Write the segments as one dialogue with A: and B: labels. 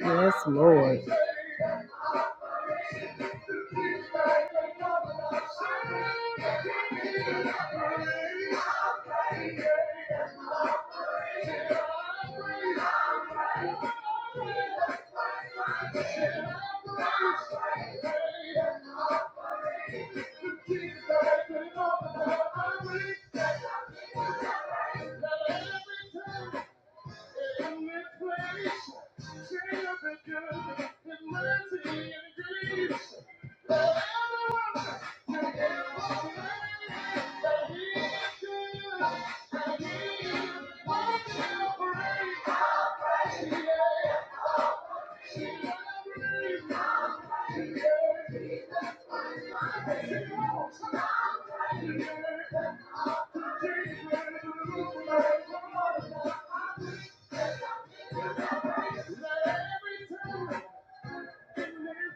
A: Yes, Lord. Thank you. Let every time in this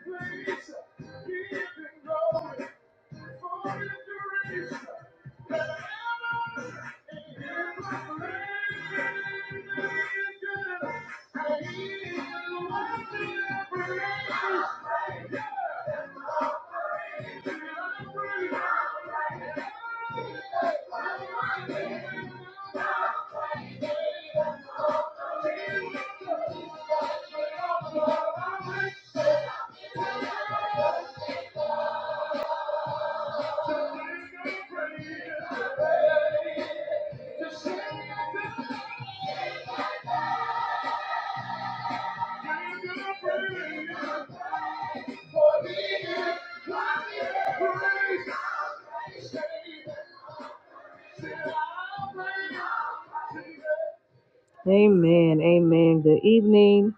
A: place, give it glory. For inspiration that I ever need in this life, I need you. I need a friend. I need you. I need a friend. I need you. Amen. Amen. Good evening.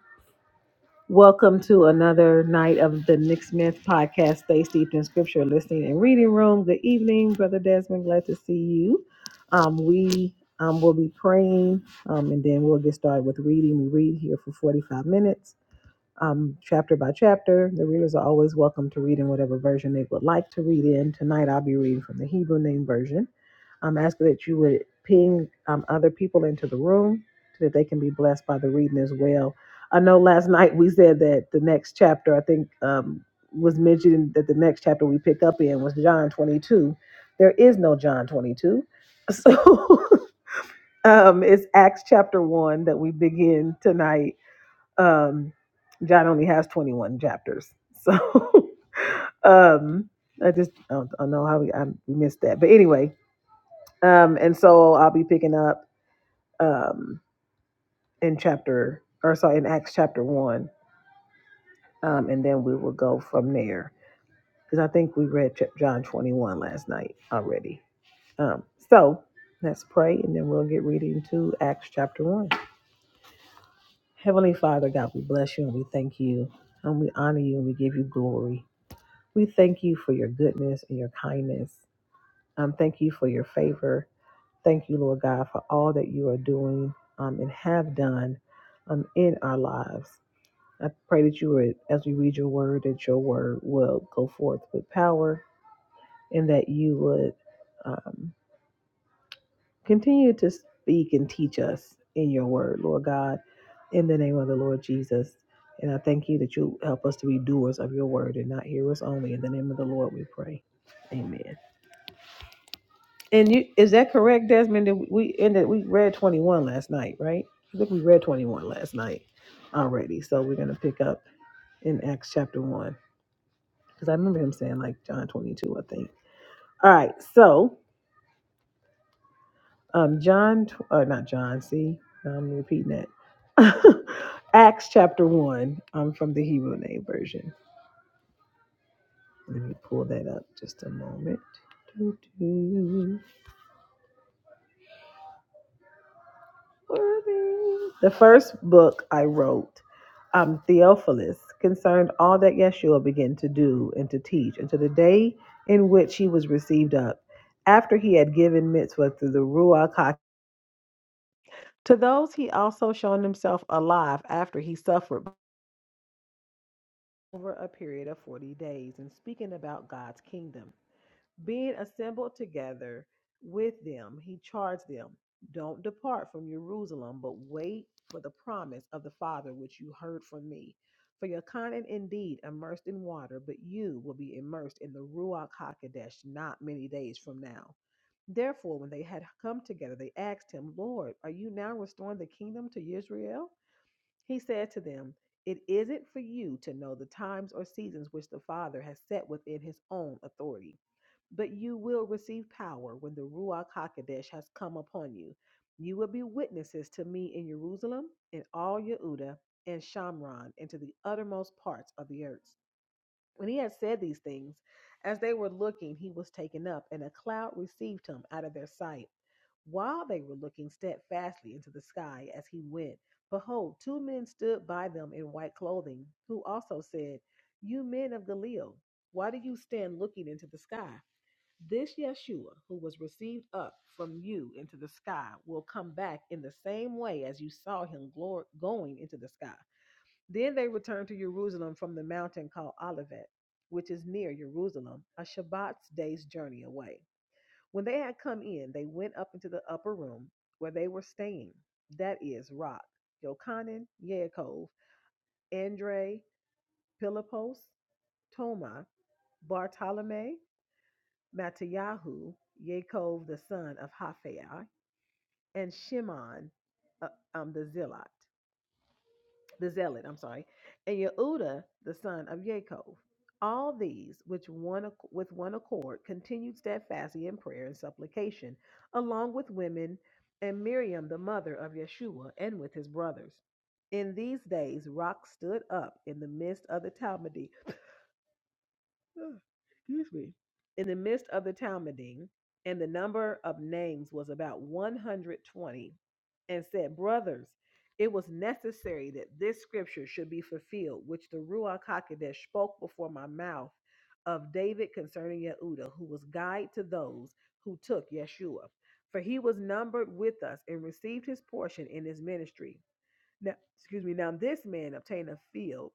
A: Welcome to another night of the Nick Smith podcast. Stay steeped in scripture, listening and reading room. Good evening, Brother Desmond. Glad to see you. Um, we um, will be praying um, and then we'll get started with reading. We read here for 45 minutes um, chapter by chapter. The readers are always welcome to read in whatever version they would like to read in. Tonight, I'll be reading from the Hebrew Name Version. I'm asking that you would ping um, other people into the room so that they can be blessed by the reading as well. I know last night we said that the next chapter, I think, um, was mentioned that the next chapter we pick up in was John 22. There is no John 22. So um, it's Acts chapter 1 that we begin tonight um, John only has 21 chapters, so um, I just I don't, I don't know how we I missed that, but anyway, um, and so I'll be picking up um in chapter or sorry in Acts chapter one, um, and then we will go from there because I think we read ch- John 21 last night already. Um, so let's pray and then we'll get reading to Acts chapter 1. Heavenly Father, God, we bless you and we thank you and we honor you and we give you glory. We thank you for your goodness and your kindness. Um, thank you for your favor. Thank you, Lord God, for all that you are doing um, and have done um, in our lives. I pray that you would, as we read your word, that your word will go forth with power and that you would um, continue to speak and teach us in your word, Lord God, in the name of the Lord Jesus. And I thank you that you help us to be doers of your word and not hearers only. In the name of the Lord, we pray. Amen. And you is that correct, Desmond? That we ended we read twenty one last night, right? I think we read twenty one last night already. So we're gonna pick up in Acts chapter one because I remember him saying like John twenty two, I think. All right, so um, John, tw- uh, not John. See, now I'm repeating that. Acts chapter one, um, from the Hebrew name version. Let me pull that up just a moment. Worthy. The first book I wrote, um, Theophilus, concerned all that Yeshua began to do and to teach until the day in which he was received up, after he had given mitzvah to the Ruach HaKodesh. To those he also shown himself alive after he suffered over a period of 40 days and speaking about God's kingdom. Being assembled together with them, he charged them, Don't depart from Jerusalem, but wait for the promise of the Father which you heard from me. For your content indeed immersed in water, but you will be immersed in the Ruach HaKodesh not many days from now. Therefore, when they had come together, they asked him, Lord, are you now restoring the kingdom to Israel? He said to them, It isn't for you to know the times or seasons which the Father has set within his own authority, but you will receive power when the Ruach HaKodesh has come upon you. You will be witnesses to me in Jerusalem, in all Yehuda, and Shamron, and to the uttermost parts of the earth. When he had said these things, as they were looking, he was taken up, and a cloud received him out of their sight. While they were looking steadfastly into the sky as he went, behold, two men stood by them in white clothing, who also said, You men of Galilee, why do you stand looking into the sky? This Yeshua, who was received up from you into the sky, will come back in the same way as you saw him glor- going into the sky. Then they returned to Jerusalem from the mountain called Olivet, which is near Jerusalem, a Shabbat's day's journey away. When they had come in, they went up into the upper room where they were staying, that is, Rock, Jochanan, Yaakov, Andre, Pilipos, Toma, Bartolome, Matayahu, Yaakov the son of Haphiah, and Shimon, uh, um, the Zilot. the Zealot, I'm sorry, and Yehuda, the son of Ya'akov. All these, which one ac- with one accord continued steadfastly in prayer and supplication, along with women and Miriam, the mother of Yeshua, and with his brothers. In these days, Rock stood up in the midst of the Talmud Ugh, excuse me, in the midst of the Talmudim, and the number of names was about 120, and said, Brothers, it was necessary that this scripture should be fulfilled, which the Ruach HaKodesh spoke before my mouth of David concerning Yehuda, who was guide to those who took Yeshua. For he was numbered with us and received his portion in his ministry. Now, excuse me, now this man obtained a field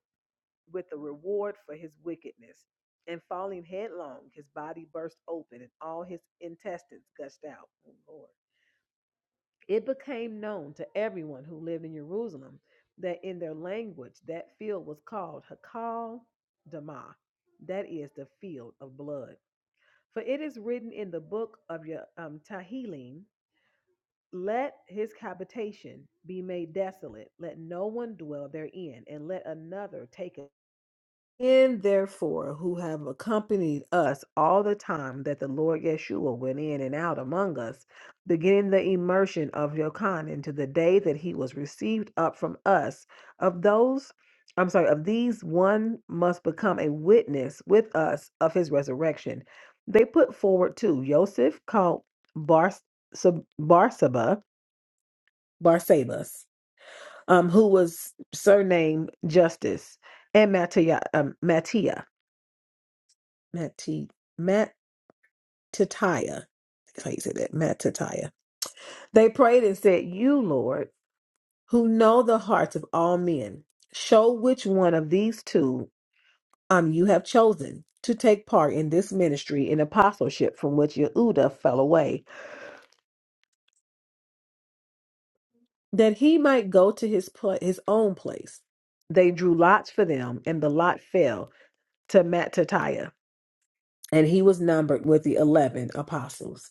A: with a reward for his wickedness. And falling headlong, his body burst open and all his intestines gushed out. Oh, Lord. It became known to everyone who lived in Jerusalem that in their language that field was called Hakal Damah, that is the field of blood. For it is written in the book of your um, Tahilim, let his habitation be made desolate, let no one dwell therein, and let another take And therefore, who have accompanied us all the time that the Lord Yeshua went in and out among us, beginning the immersion of Yochanan into the day that he was received up from us, of those, I'm sorry, of these one must become a witness with us of his resurrection. They put forward two, Joseph called Bar- Sab- Barsaba, Barsabas, um, who was surnamed Justice, and Mattia, um, Matthias. Matt T. That's how you say that. Matt They prayed and said, You, Lord, who know the hearts of all men, show which one of these two um you have chosen to take part in this ministry and apostleship from which Yehuda fell away, that he might go to his pla- his own place. They drew lots for them, and the lot fell to Mattatiah, and he was numbered with the eleven apostles.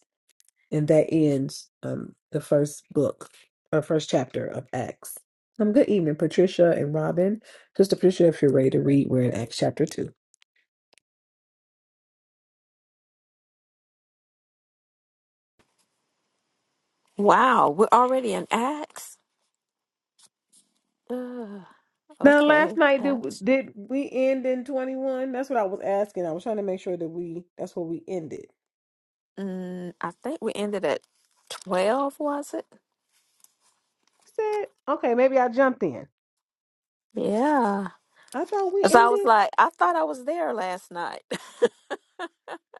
A: and that ends um the first book or first chapter of Acts. Um, good evening, Patricia and Robin. Sister Patricia, if you're ready to read, we're in Acts chapter two.
B: Wow, we're already in Acts. Ugh,
A: Now, last
B: okay,
A: night did
B: Acts.
A: did we end in twenty one? That's what I was asking. I was trying to make sure that we that's where we ended.
B: Mm, I think we ended at twelve. Was it?
A: Said okay, maybe I jumped in.
B: Yeah.
A: I thought we
B: So I was
A: ended.
B: like, I thought I was there last night.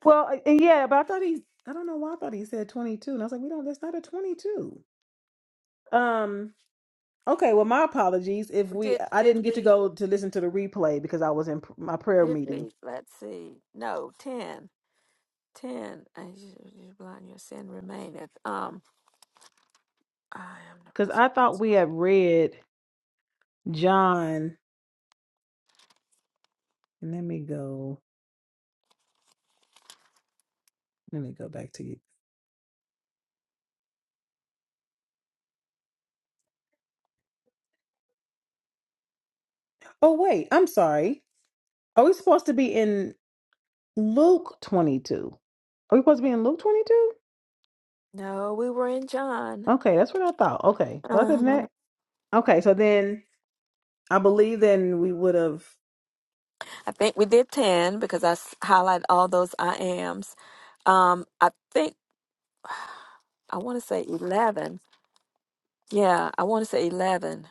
A: Well, uh, yeah, but I thought he. I don't know why I thought he said twenty two, and I was like, we don't. That's not a twenty two. Um. Okay. Well, my apologies if we
B: did
A: I
B: did
A: didn't get to
B: we?
A: go to listen to the replay because I was in p- my prayer
B: Did
A: meeting.
B: we? Let's see. No, ten. Ten. And you you blind your sin remaineth. Um, I am the
A: Because
B: rest.
A: I thought we had read John. And let me go. Let me go back to you. Oh wait, I'm sorry. Are we supposed to be in Luke 22? Are we supposed to be in Luke 22?
B: No, we were in John.
A: Okay, that's what I thought. Okay. But other than
B: Uh-huh.
A: that, okay. So then I believe then we would have.
B: I think we did ten because I s- highlight all those I ams. Um, I think. I want to say 11. Yeah, I want to say 11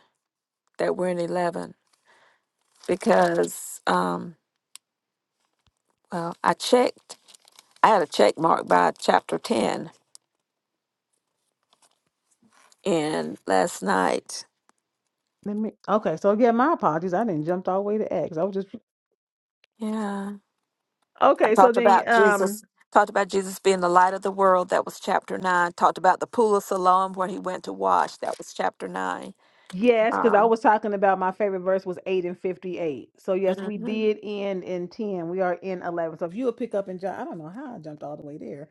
B: that we're in 11 because, um, well, I checked. I had a check mark by chapter 10 and last night.
A: Let me. Okay, so yeah, my apologies. I didn't jump all the way to X. I was just
B: Yeah. I
A: okay. So
B: talked
A: then,
B: about
A: um,
B: Jesus, talked about Jesus being the light of the world. That was chapter 9. Talked about the pool of Siloam where he went to wash. That was chapter 9.
A: Yes, because I
B: Uh,
A: was talking about my favorite verse was 8 and 58. So, yes, we
B: mhm.
A: did end in 10. We are in 11. So, if you would pick up in John, I don't know how I jumped all the way there.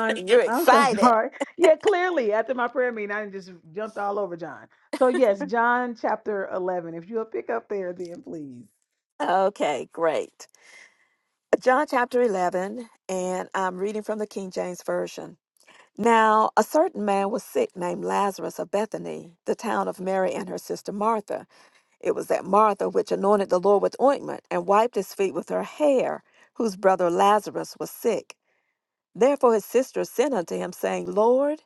B: You're
A: I'm so
B: excited.
A: sorry. Yeah, clearly, after my prayer meeting, I just jumped all over John. So, yes, John chapter 11. If you would pick up there, then please.
B: Okay, great. John chapter 11, and I'm reading from the King James Version. Now, a certain man was sick named Lazarus of Bethany, the town of Mary and her sister Martha. It was that Martha which anointed the Lord with ointment and wiped his feet with her hair, whose brother Lazarus was sick. Therefore his sister sent unto him, saying, Lord,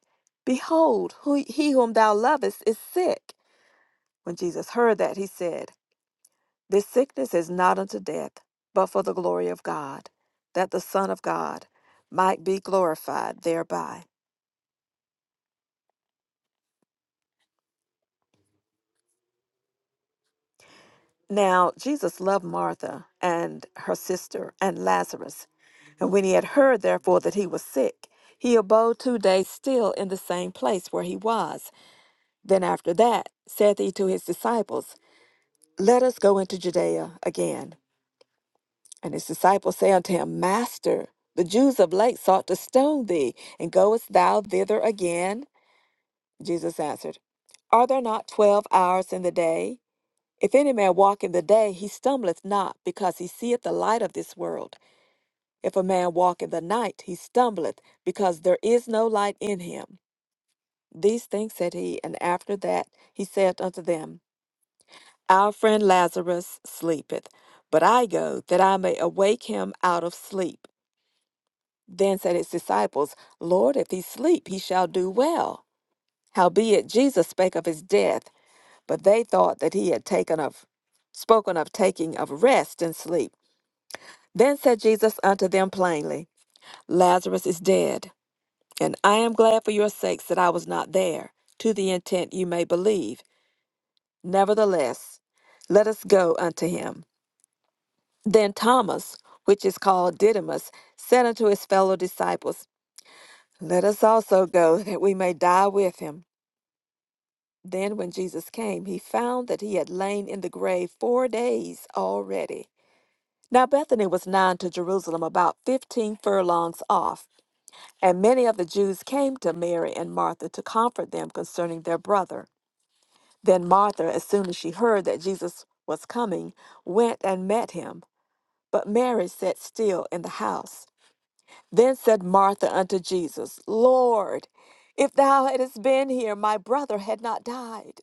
B: behold, who, he whom thou lovest is sick. When Jesus heard that, he said, This sickness is not unto death, but for the glory of God, that the Son of God might be glorified thereby. Now, Jesus loved Martha and her sister and Lazarus. And when he had heard, therefore, that he was sick, he abode two days still in the same place where he was. Then after that, saith he to his disciples, Let us go into Judea again. And his disciples say unto him, Master, the Jews of late sought to stone thee, and goest thou thither again? Jesus answered, Are there not twelve hours in the day? If any man walk in the day, he stumbleth not, because he seeth the light of this world. If a man walk in the night, he stumbleth, because there is no light in him. These things said he, and after that he said unto them, Our friend Lazarus sleepeth, but I go, that I may awake him out of sleep. Then said his disciples, Lord, if he sleep, he shall do well. Howbeit Jesus spake of his death, but they thought that he had taken of spoken of taking of rest and sleep. Then said Jesus unto them plainly, Lazarus is dead, and I am glad for your sakes that I was not there, to the intent you may believe. Nevertheless, let us go unto him. Then Thomas, which is called Didymus, said unto his fellow disciples, Let us also go, that we may die with him. Then when Jesus came, he found that he had lain in the grave four days already. Now Bethany was nigh to Jerusalem about fifteen furlongs off And many of the Jews came to Mary and Martha to comfort them concerning their brother. Then Martha, as soon as she heard that Jesus was coming, went and met him. But Mary sat still in the house. Then said Martha unto Jesus, Lord, if thou hadst been here, my brother had not died.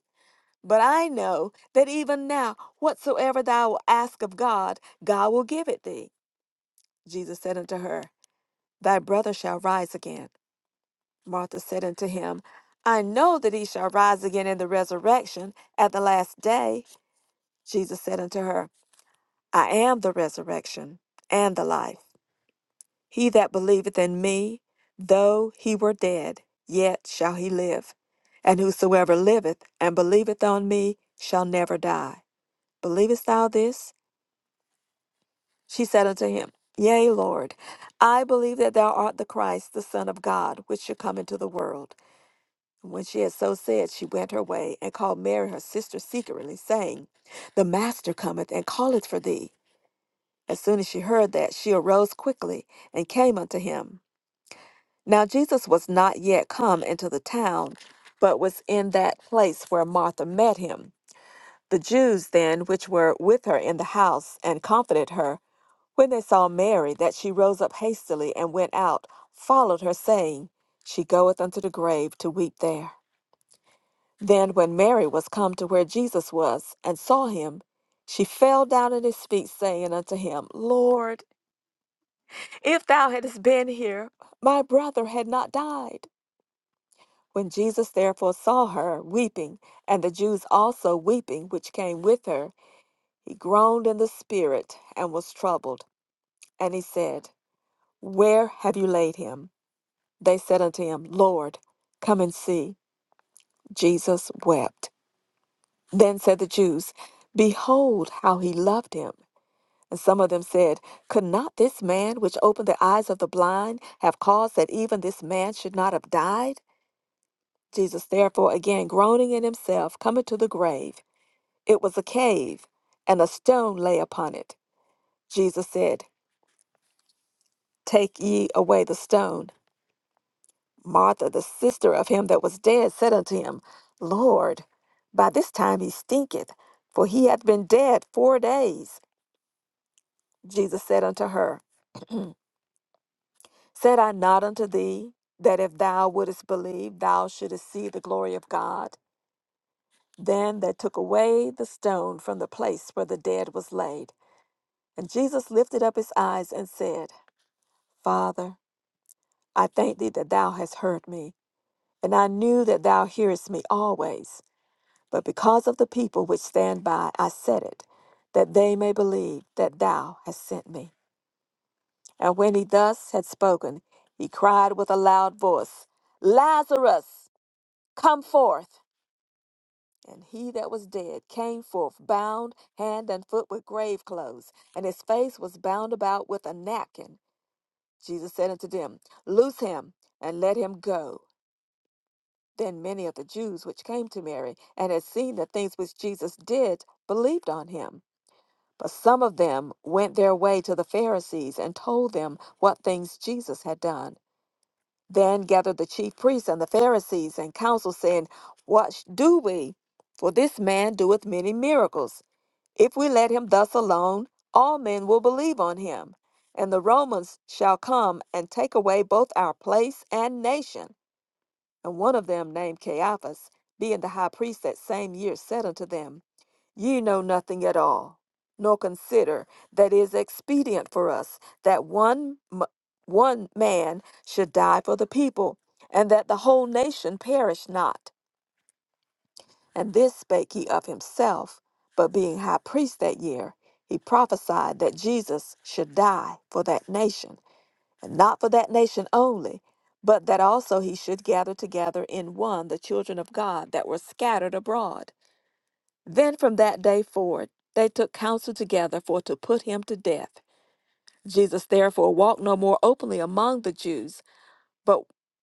B: But I know that even now, whatsoever thou wilt ask of God, God will give it thee. Jesus said unto her, Thy brother shall rise again. Martha said unto him, I know that he shall rise again in the resurrection at the last day. Jesus said unto her, I am the resurrection and the life. He that believeth in me, though he were dead, yet shall he live. And whosoever liveth and believeth on me shall never die. Believest thou this? She said unto him, Yea, Lord, I believe that thou art the Christ, the Son of God, which should come into the world. And When she had so said, she went her way and called Mary her sister secretly, saying, The master cometh and calleth for thee. As soon as she heard that, she arose quickly and came unto him. Now Jesus was not yet come into the town, but was in that place where Martha met him. The Jews then, which were with her in the house, and comforted her, when they saw Mary, that she rose up hastily and went out, followed her, saying, She goeth unto the grave to weep there. Then, when Mary was come to where Jesus was and saw him, she fell down at his feet, saying unto him, Lord, if thou hadst been here, my brother had not died. When Jesus therefore saw her weeping, and the Jews also weeping, which came with her, he groaned in the spirit and was troubled. And he said, Where have you laid him? They said unto him, Lord, come and see. Jesus wept. Then said the Jews, Behold how he loved him. And some of them said, Could not this man which opened the eyes of the blind have caused that even this man should not have died? Jesus, therefore, again groaning in himself, coming to the grave. It was a cave, and a stone lay upon it. Jesus said, Take ye away the stone. Martha, the sister of him that was dead, said unto him, Lord, by this time he stinketh, for he hath been dead four days. Jesus said unto her, Said I not unto thee that if thou wouldest believe, thou shouldest see the glory of God? Then they took away the stone from the place where the dead was laid. And Jesus lifted up his eyes and said, Father, I thank thee that thou hast heard me, and I knew that thou hearest me always. But because of the people which stand by, I said it, that they may believe that thou hast sent me. And when he thus had spoken, he cried with a loud voice, Lazarus, come forth. And he that was dead came forth, bound hand and foot with grave clothes, and his face was bound about with a napkin. Jesus said unto them, Loose him and let him go. Then many of the Jews which came to Mary and had seen the things which Jesus did believed on him. But some of them went their way to the Pharisees and told them what things Jesus had done. Then gathered the chief priests and the Pharisees and council, saying, What sh- do we? For this man doeth many miracles. If we let him thus alone, all men will believe on him, and the Romans shall come and take away both our place and nation. And one of them, named Caiaphas, being the high priest that same year, said unto them, Ye know nothing at all, nor consider that it is expedient for us that one, m- one man should die for the people, and that the whole nation perish not. And this spake he of himself, but being high priest that year, he prophesied that Jesus should die for that nation not for that nation only, but that also he should gather together in one the children of God that were scattered abroad. Then from that day forward they took counsel together for to put him to death. Jesus therefore walked no more openly among the Jews, but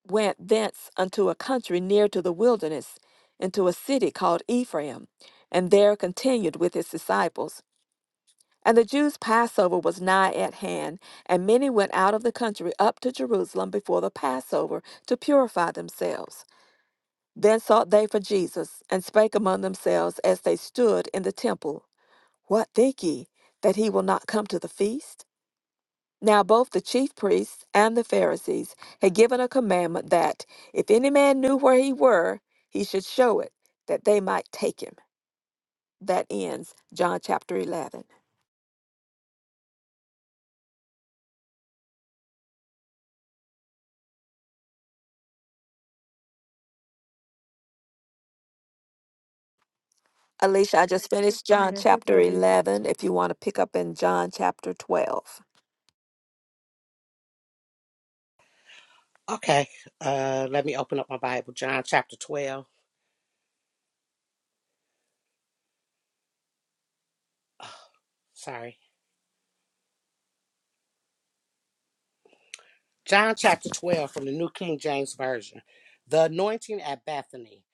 B: went thence unto a country near to the wilderness, into a city called Ephraim, and there continued with his disciples. And the Jews' Passover was nigh at hand, and many went out of the country up to Jerusalem before the Passover to purify themselves. Then sought they for Jesus, and spake among themselves as they stood in the temple, What think ye, that he will not come to the feast? Now both the chief priests and the Pharisees had given a commandment that, if any man knew where he were, he should show it, that they might take him. That ends John chapter 11. Alicia, I just finished John
A: Amen. Sister
B: chapter
A: Alicia.
B: 11. If you want to pick up in John chapter 12.
C: Okay, uh, let me open up my Bible. John chapter 12. Sorry. John chapter 12 from the New King James Version. The anointing at Bethany.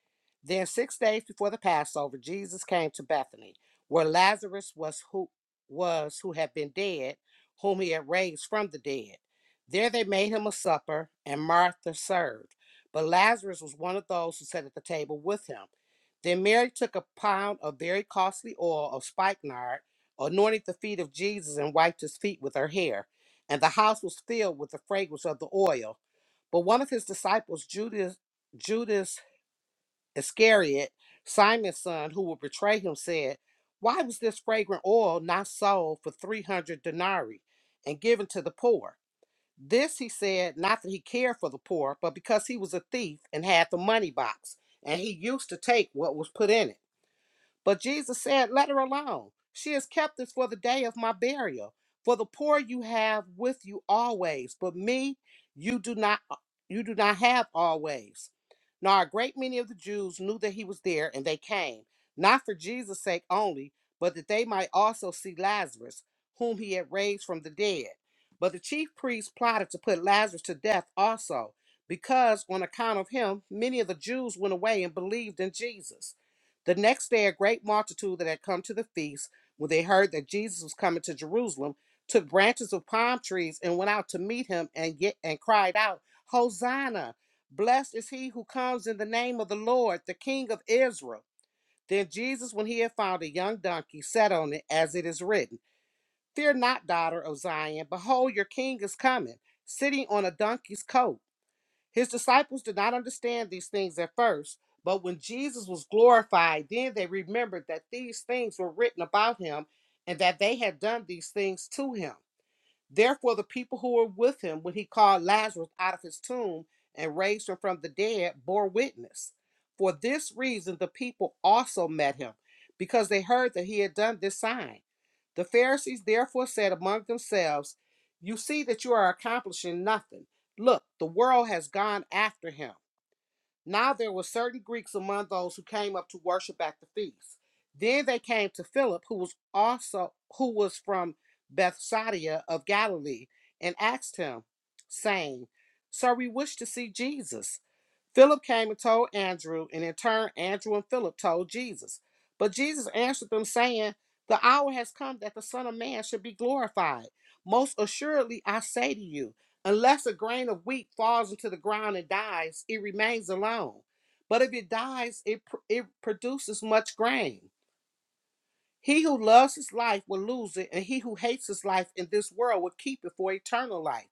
C: Then, six days before the Passover, Jesus came to Bethany, where Lazarus was who, was who had been dead, whom he had raised from the dead. There they made him a supper, and Martha served. But Lazarus was one of those who sat at the table with him. Then Mary took a pound of very costly oil of spikenard, anointed the feet of Jesus, and wiped his feet with her hair and the house was filled with the fragrance of the oil. But one of his disciples, Judas, Judas Iscariot, Simon's son, who would betray him, said, Why was this fragrant oil not sold for 300 denarii and given to the poor? This he said, not that he cared for the poor, but because he was a thief and had the money box, and he used to take what was put in it. But Jesus said, Let her alone. She is captive for the day of my burial. For the poor you have with you always, but me you do not uh, you do not have always. Now a great many of the Jews knew that he was there, and they came, not for Jesus' sake only, but that they might also see Lazarus, whom he had raised from the dead. But the chief priests plotted to put Lazarus to death also, because on account of him, many of the Jews went away and believed in Jesus. The next day, a great multitude that had come to the feast, when they heard that Jesus was coming to Jerusalem, took branches of palm trees and went out to meet him and get and cried out, Hosanna! Blessed is he who comes in the name of the Lord, the King of Israel. Then Jesus, when he had found a young donkey, sat on it, as it is written, Fear not, daughter of Zion, behold, your king is coming, sitting on a donkey's coat. His disciples did not understand these things at first, but when Jesus was glorified, then they remembered that these things were written about him and that they had done these things to him. Therefore, the people who were with him when he called Lazarus out of his tomb and raised him from the dead bore witness. For this reason, the people also met him, because they heard that he had done this sign. The Pharisees therefore said among themselves, You see that you are accomplishing nothing. Look, the world has gone after him. Now there were certain Greeks among those who came up to worship at the feast. Then they came to Philip, who was also who was from Bethsaida of Galilee, and asked him, saying, Sir, we wish to see Jesus. Philip came and told Andrew, and in turn Andrew and Philip told Jesus. But Jesus answered them, saying, The hour has come that the Son of Man should be glorified. Most assuredly I say to you, Unless a grain of wheat falls into the ground and dies, it remains alone. But if it dies, it, pr- it produces much grain. He who loves his life will lose it, and he who hates his life in this world will keep it for eternal life.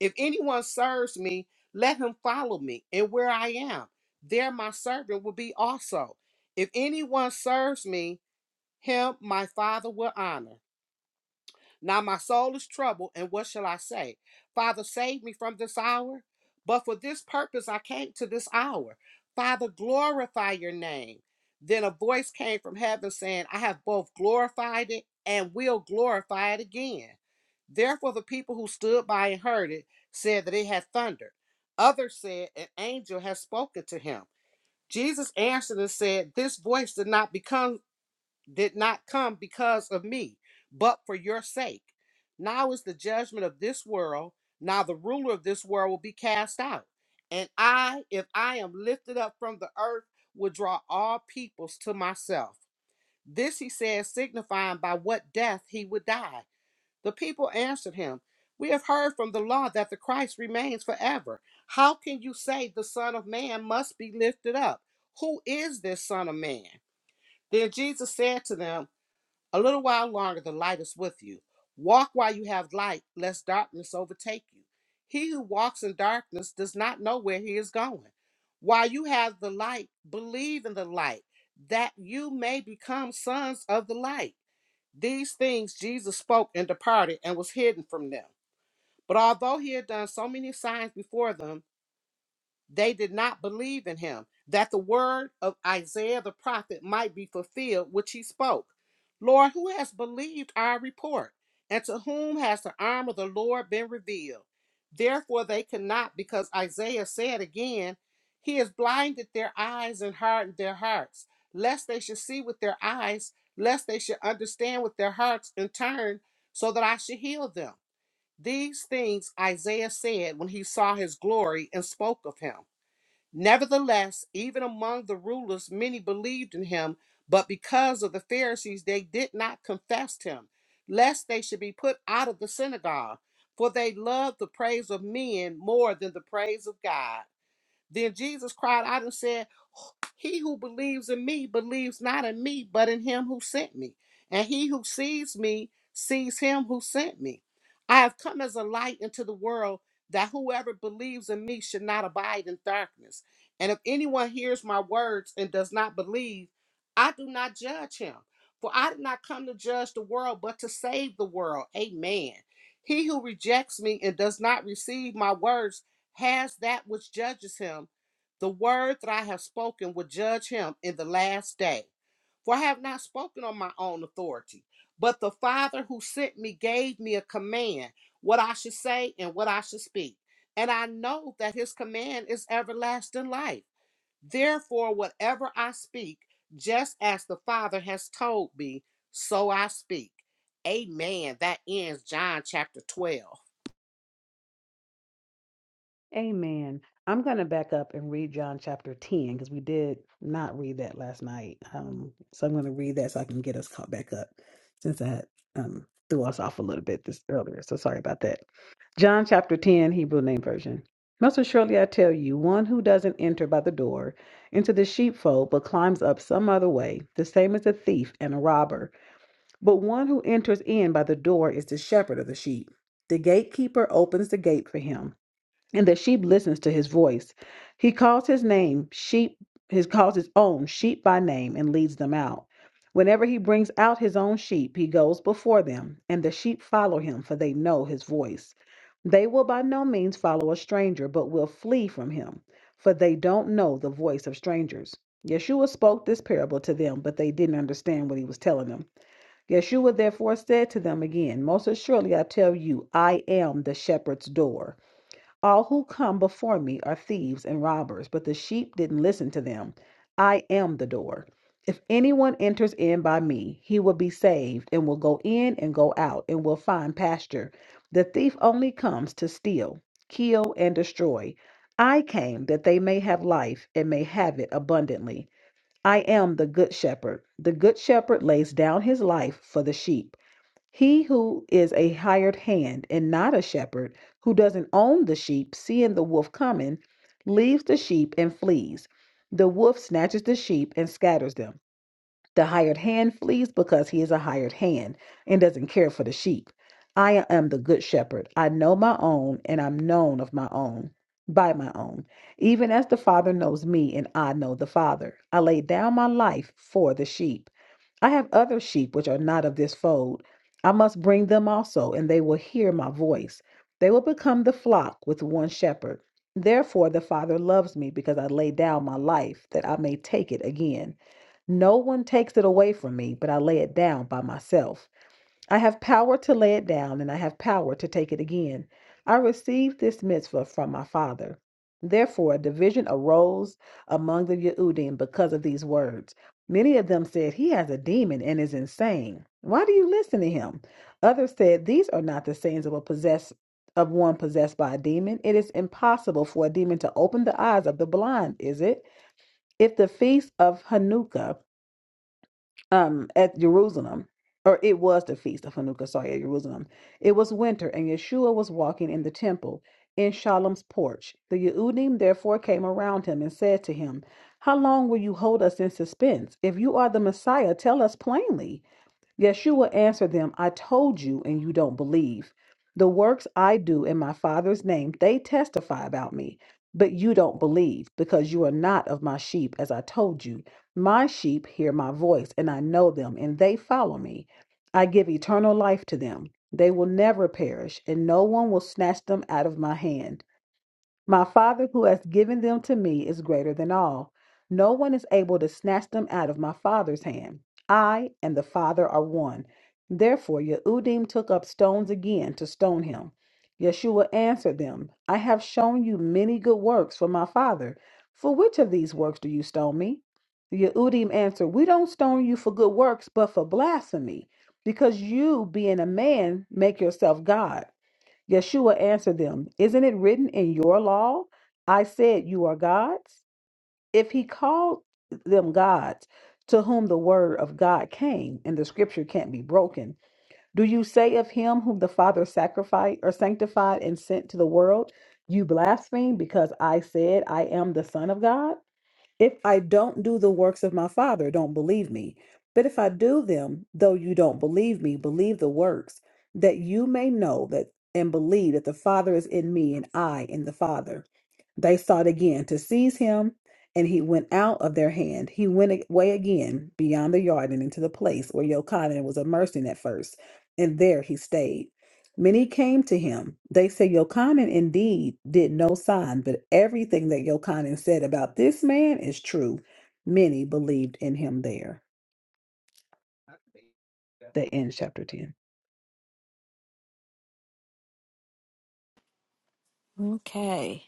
C: If anyone serves me, let him follow me, and where I am, there my servant will be also. If anyone serves me, him my Father will honor. Now my soul is troubled, and what shall I say? Father, save me from this hour. But for this purpose I came to this hour. Father, glorify your name. Then a voice came from heaven saying, I have both glorified it and will glorify it again. Therefore, the people who stood by and heard it said that it had thundered. Others said, An angel has spoken to him. Jesus answered and said, This voice did not become did not come because of me, but for your sake. Now is the judgment of this world. Now the ruler of this world will be cast out. And I, if I am lifted up from the earth, will draw all peoples to myself. This he said, signifying by what death he would die. The people answered him, We have heard from the law that the Christ remains forever. How can you say the Son of Man must be lifted up? Who is this Son of Man? Then Jesus said to them, a little while longer, the light is with you. Walk while you have light, lest darkness overtake you. He who walks in darkness does not know where he is going. While you have the light, believe in the light, that you may become sons of the light. These things Jesus spoke and departed and was hidden from them. But although he had done so many signs before them, they did not believe in him, that the word of Isaiah the prophet might be fulfilled, which he spoke. Lord, who has believed our report? And to whom has the arm of the Lord been revealed? Therefore they could not, because Isaiah said again, He has blinded their eyes and hardened their hearts, lest they should see with their eyes, lest they should understand with their hearts and turn, so that I should heal them. These things Isaiah said when he saw his glory and spoke of him. Nevertheless, even among the rulers, many believed in him, but because of the Pharisees, they did not confess him, lest they should be put out of the synagogue, for they loved the praise of men more than the praise of God. Then Jesus cried out and said, He who believes in me believes not in me, but in him who sent me. And he who sees me sees him who sent me. I have come as a light into the world that whoever believes in me should not abide in darkness. And if anyone hears my words and does not believe, I do not judge him. For I did not come to judge the world, but to save the world. Amen. He who rejects me and does not receive my words has that which judges him. The word that I have spoken will judge him in the last day. For I have not spoken on my own authority, but the Father who sent me gave me a command what I should say and what I should speak. And I know that his command is everlasting life. Therefore, whatever I speak, just as the Father has told me, so I speak. Amen. That ends John chapter 12.
A: Amen. I'm going to back up and read John chapter 10 because we did not read that last night. Um, so I'm going to read that so I can get us caught back up since that um, threw us off a little bit this earlier. So sorry about that. John chapter 10, Hebrew name version. Most assuredly I tell you, one who doesn't enter by the door into the sheepfold but climbs up some other way, the same as a thief and a robber. But one who enters in by the door is the shepherd of the sheep. The gatekeeper opens the gate for him and the sheep listens to his voice. He calls his name sheep, he calls his own sheep by name and leads them out. Whenever he brings out his own sheep, he goes before them, and the sheep follow him, for they know his voice. They will by no means follow a stranger, but will flee from him, for they don't know the voice of strangers. Yeshua spoke this parable to them, but they didn't understand what he was telling them. Yeshua therefore said to them again, Most assuredly I tell you, I am the shepherd's door. All who come before me are thieves and robbers, but the sheep didn't listen to them. I am the door. If anyone enters in by me, he will be saved and will go in and go out and will find pasture. The thief only comes to steal, kill, and destroy. I came that they may have life and may have it abundantly. I am the good shepherd. The good shepherd lays down his life for the sheep. He who is a hired hand and not a shepherd, who doesn't own the sheep, seeing the wolf coming, leaves the sheep and flees. The wolf snatches the sheep and scatters them. The hired hand flees because he is a hired hand and doesn't care for the sheep. I am the good shepherd. I know my own, and I'm known of my own, by my own, even as the Father knows me, and I know the Father. I lay down my life for the sheep. I have other sheep which are not of this fold. I must bring them also, and they will hear my voice. They will become the flock with one shepherd. Therefore, the Father loves me because I lay down my life that I may take it again. No one takes it away from me, but I lay it down by myself. I have power to lay it down, and I have power to take it again. I received this mitzvah from my father. Therefore, a division arose among the Yehudim because of these words. Many of them said, He has a demon and is insane. Why do you listen to him? Others said, These are not the sayings of a possess of one possessed by a demon. It is impossible for a demon to open the eyes of the blind, is it? If the feast of Hanukkah um at Jerusalem, or it was the feast of Hanukkah, sorry, at Jerusalem. It was winter, and Yeshua was walking in the temple in Shalom's porch. The Yehudim therefore came around him and said to him, How long will you hold us in suspense? If you are the Messiah, tell us plainly. Yeshua answered them, I told you, and you don't believe. The works I do in my Father's name, they testify about me, but you don't believe, because you are not of my sheep, as I told you. My sheep hear my voice, and I know them, and they follow me. I give eternal life to them. They will never perish, and no one will snatch them out of my hand. My Father who has given them to me is greater than all. No one is able to snatch them out of my Father's hand. I and the Father are one. Therefore, Yehudim took up stones again to stone him. Yeshua answered them, I have shown you many good works from my Father. For which of these works do you stone me? The Yehudim answered, We don't stone you for good works, but for blasphemy, because you, being a man, make yourself God. Yeshua answered them, Isn't it written in your law, I said you are gods? If he called them gods, to whom the word of God came, and the scripture can't be broken, do you say of him whom the Father sacrificed or sanctified and sent to the world, You blaspheme because I said I am the Son of God? If I don't do the works of my Father, don't believe me. But if I do them, though you don't believe me, believe the works, that you may know that and believe that the Father is in me and I in the Father. They sought again to seize him, and he went out of their hand. He went away again beyond the yard and into the place where Yochanan was immersing at first, and there he stayed. Many came to him. They said, Yochanan indeed did no sign, but everything that Yochanan said about this man is true. Many believed in him there. The end, chapter 10.
B: Okay.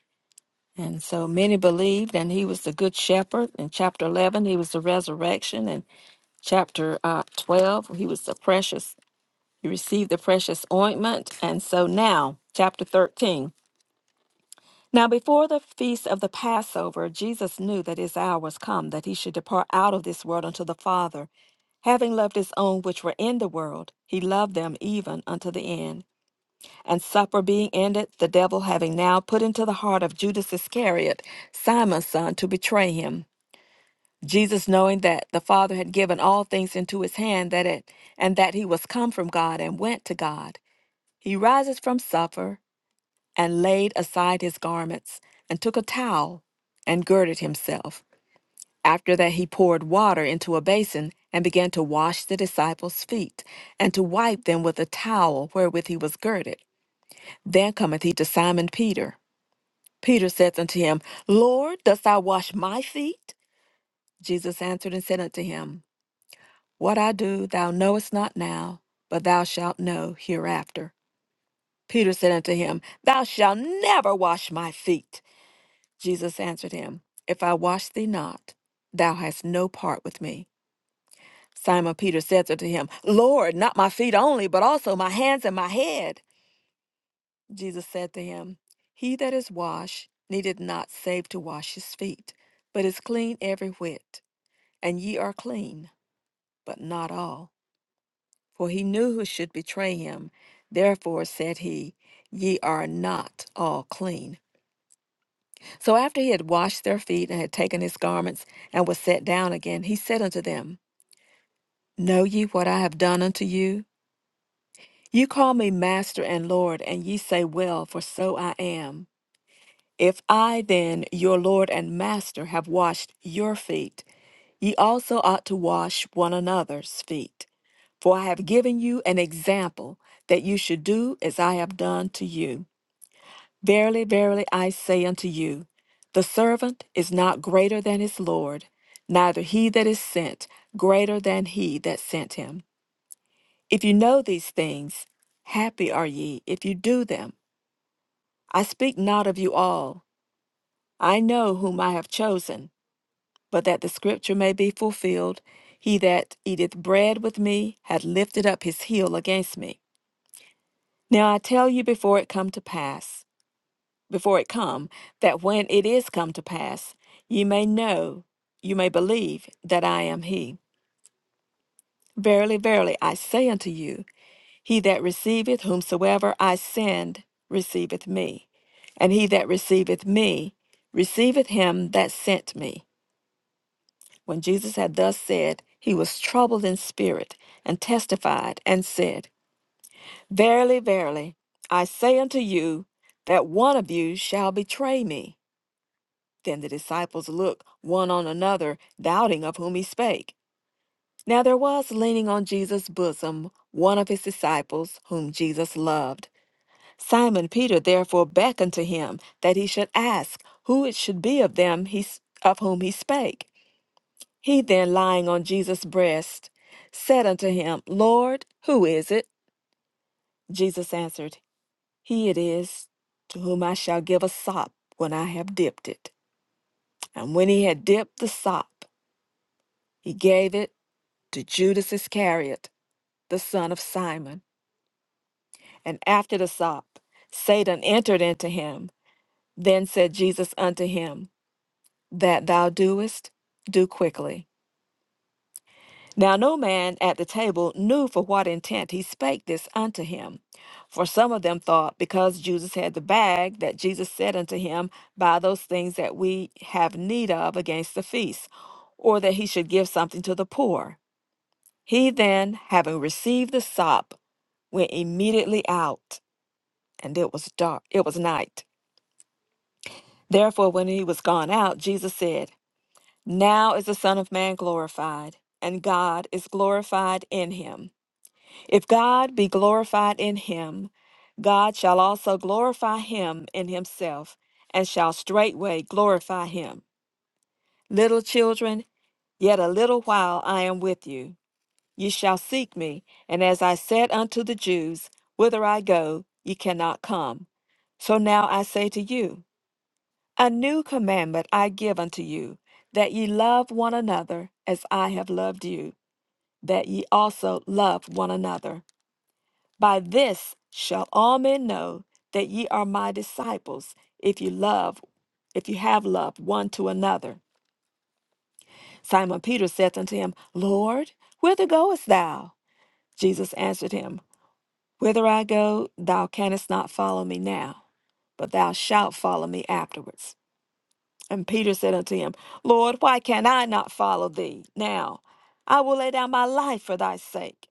B: And so many believed, and he was the good shepherd. In chapter 11, he was the resurrection. And chapter uh, 12, he was the precious, he received the precious ointment. And so now, chapter 13. Now, before the feast of the Passover, Jesus knew that his hour was come that he should depart out of this world unto the Father. Having loved his own which were in the world, he loved them even unto the end. And supper being ended, the devil having now put into the heart of Judas Iscariot, Simon's son, to betray him. Jesus, knowing that the Father had given all things into his hand, that it, and that he was come from God and went to God, he rises from supper and laid aside his garments, and took a towel and girded himself. After that, he poured water into a basin and began to wash the disciples' feet and to wipe them with a towel wherewith he was girded. Then cometh he to Simon Peter. Peter saith unto him, Lord, dost thou wash my feet? Jesus answered and said unto him, What I do thou knowest not now, but thou shalt know hereafter. Peter said unto him, Thou shalt never wash my feet. Jesus answered him, If I wash thee not, thou hast no part with me. Simon Peter said unto him, Lord, not my feet only, but also my hands and my head. Jesus said to him, He that is washed needeth not save to wash his feet, but is clean every whit. And ye are clean, but not all. For he knew who should betray him. Therefore said he, Ye are not all clean. So after he had washed their feet and had taken his garments and was set down again, he said unto them, Know ye what I have done unto you? You call me Master and Lord, and ye say, Well, for so I am. If I then, your Lord and Master, have washed your feet, ye also ought to wash one another's feet. For I have given you an example that you should do as I have done to you. Verily, verily, I say unto you, the servant is not greater than his Lord, neither he that is sent greater than he that sent him. If you know these things, happy are ye if you do them. I speak not of you all. I know whom I have chosen, but that the scripture may be fulfilled He that eateth bread with me hath lifted up his heel against me. Now I tell you before it come to pass. before it come, that when it is come to pass, ye may know, you may believe that I am he. Verily, verily, I say unto you, he that receiveth whomsoever I send receiveth me, and he that receiveth me receiveth him that sent me. When Jesus had thus said, he was troubled in spirit, and testified, and said, Verily, verily, I say unto you, that one of you shall betray me. Then the disciples looked one on another, doubting of whom he spake. Now there was leaning on Jesus' bosom one of his disciples, whom Jesus loved. Simon Peter therefore beckoned to him that he should ask who it should be of them he, s- of whom he spake. He then, lying on Jesus' breast, said unto him, Lord, who is it? Jesus answered, He it is, to whom I shall give a sop when I have dipped it. And when he had dipped the sop, He gave it to Judas Iscariot, the son of Simon. And after the sop, Satan entered into him. Then said Jesus unto him, That thou doest, do quickly. Now no man at the table knew for what intent he spake this unto him. For some of them thought, because Judas had the bag, that Jesus said unto him, Buy those things that we have need of against the feast, or that he should give something to the poor. He then, having received the sop, went immediately out, and it was dark, it was night. Therefore, when he was gone out, Jesus said, Now is the Son of Man glorified, and God is glorified in him. If God be glorified in him, God shall also glorify him in himself, and shall straightway glorify him. Little children, yet a little while I am with you. Ye shall seek me, and as I said unto the Jews, Whither I go, ye cannot come. So now I say to you, A new commandment I give unto you, that ye love one another as I have loved you, that ye also love one another. By this shall all men know that ye are my disciples, if you love, if you have love one to another. Simon Peter saith unto him, Lord, whither goest thou? Jesus answered him, Whither I go, thou canst not follow me now, but thou shalt follow me afterwards. And Peter said unto him, Lord, why can I not follow thee now? I will lay down my life for thy sake.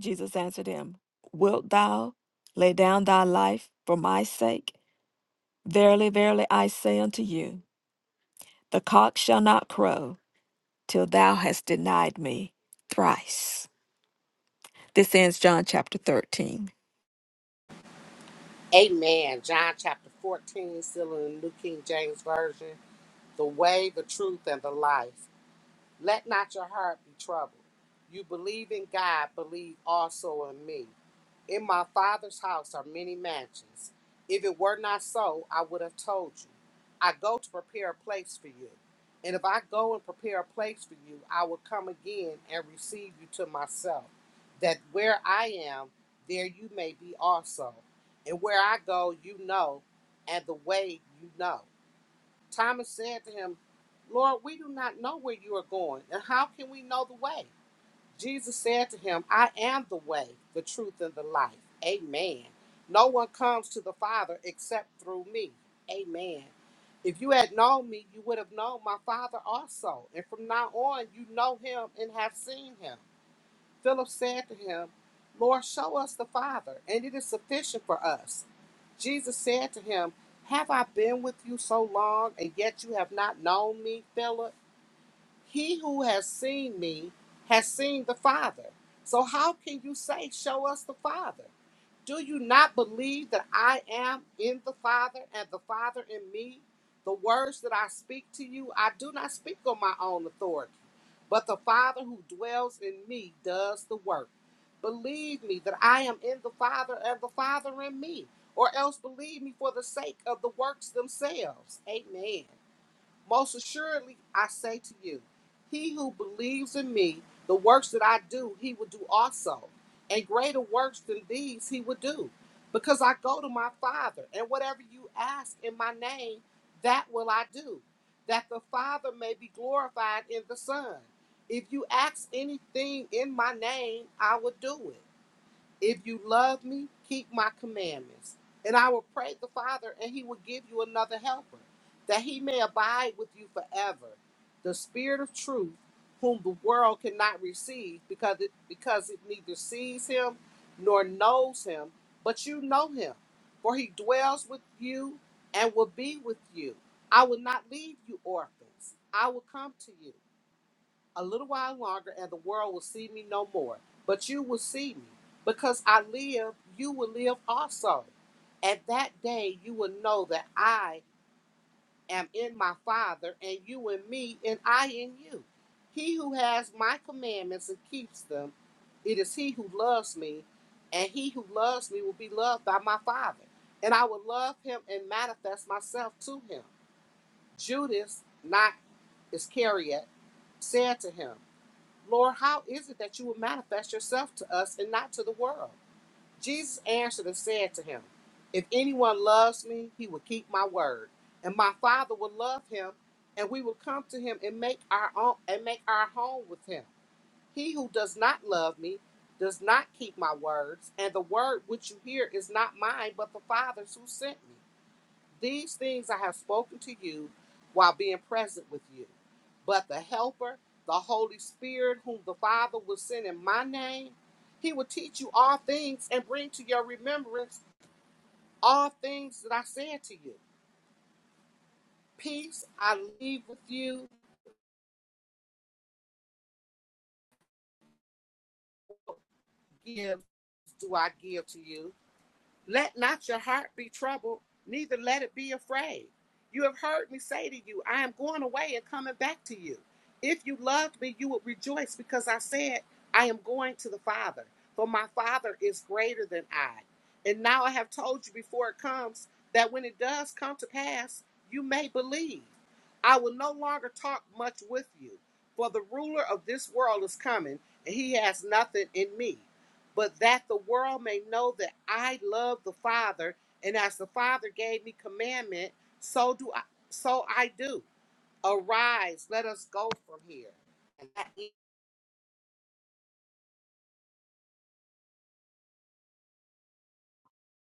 B: Jesus answered him, Wilt thou lay down thy life for my sake? Verily, verily, I say unto you, the cock shall not crow till thou hast denied me thrice. This ends John chapter 13.
C: Amen. John chapter 14, still in the New King James Version. The way, the truth, and the life. Let not your heart be troubled. You believe in God, believe also in me. In my father's house are many mansions. If it were not so, I would have told you. I go to prepare a place for you. And if I go and prepare a place for you, I will come again and receive you to myself, that where I am, there you may be also. And where I go, you know, and the way you know. Thomas said to him, Lord, we do not know where you are going, and how can we know the way? Jesus said to him, I am the way, the truth, and the life. Amen. No one comes to the Father except through me. Amen. If you had known me, you would have known my Father also. And from now on, you know him and have seen him. Philip said to him, Lord, show us the Father, and it is sufficient for us. Jesus said to him, Have I been with you so long, and yet you have not known me, Philip? He who has seen me has seen the Father. So how can you say, Show us the Father? Do you not believe that I am in the Father and the Father in me? The words that I speak to you, I do not speak on my own authority, but the Father who dwells in me does the work. Believe me that I am in the Father and the Father in me, or else believe me for the sake of the works themselves. Amen. Most assuredly, I say to you, he who believes in me, the works that I do, he will do also. And greater works than these he will do, because I go to my Father, and whatever you ask in my name, that will I do, that the Father may be glorified in the Son. If you ask anything in my name, I will do it. If you love me, keep my commandments. And I will pray the Father, and he will give you another helper, that he may abide with you forever. The Spirit of truth, whom the world cannot receive, because it, because it neither sees him nor knows him, but you know him. For he dwells with you and will be with you. I will not leave you orphans, I will come to you a little while longer, and the world will see me no more. But you will see me, because I live, you will live also. At that day, you will know that I am in my Father, and you in me, and I in you. He who has my commandments and keeps them, it is he who loves me, and he who loves me will be loved by my Father, and I will love him and manifest myself to him. Judas, not Iscariot, said to him, Lord, how is it that you will manifest yourself to us and not to the world? Jesus answered and said to him, If anyone loves me, he will keep my word, and my Father will love him, and we will come to him and make our own and make our home with him. He who does not love me does not keep my words, and the word which you hear is not mine, but the Father's who sent me. These things I have spoken to you while being present with you. But the Helper, the Holy Spirit, whom the Father will send in my name, he will teach you all things and bring to your remembrance all things that I said to you. Peace I leave with you, gifts do I give to you. Let not your heart be troubled, neither let it be afraid. You have heard me say to you, I am going away and coming back to you. If you loved me, you would rejoice because I said, I am going to the Father, for my Father is greater than I. And now I have told you before it comes, that when it does come to pass, you may believe. I will no longer talk much with you, for the ruler of this world is coming, and he has nothing in me but that the world may know that I love the Father, and as the Father gave me commandment, so do I so I do. Arise, let us go from here. And that is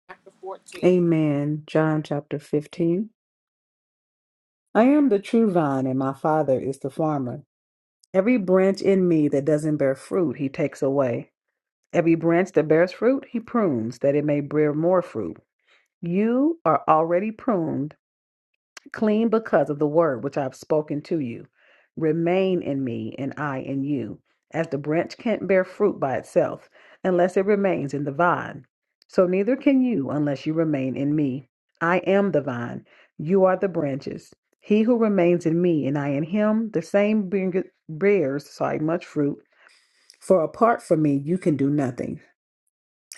C: chapter 14.
A: Amen. John chapter 15. I am the true vine, and my Father is the farmer. Every branch in me that doesn't bear fruit, he takes away. Every branch that bears fruit, he prunes, that it may bear more fruit. You are already pruned clean because of the word which I have spoken to you. Remain in me, and I in you. As the branch can't bear fruit by itself unless it remains in the vine, so neither can you unless you remain in me. I am the vine, you are the branches. He who remains in me and I in him, the same bring- bears sorry, much fruit. For apart from me, you can do nothing.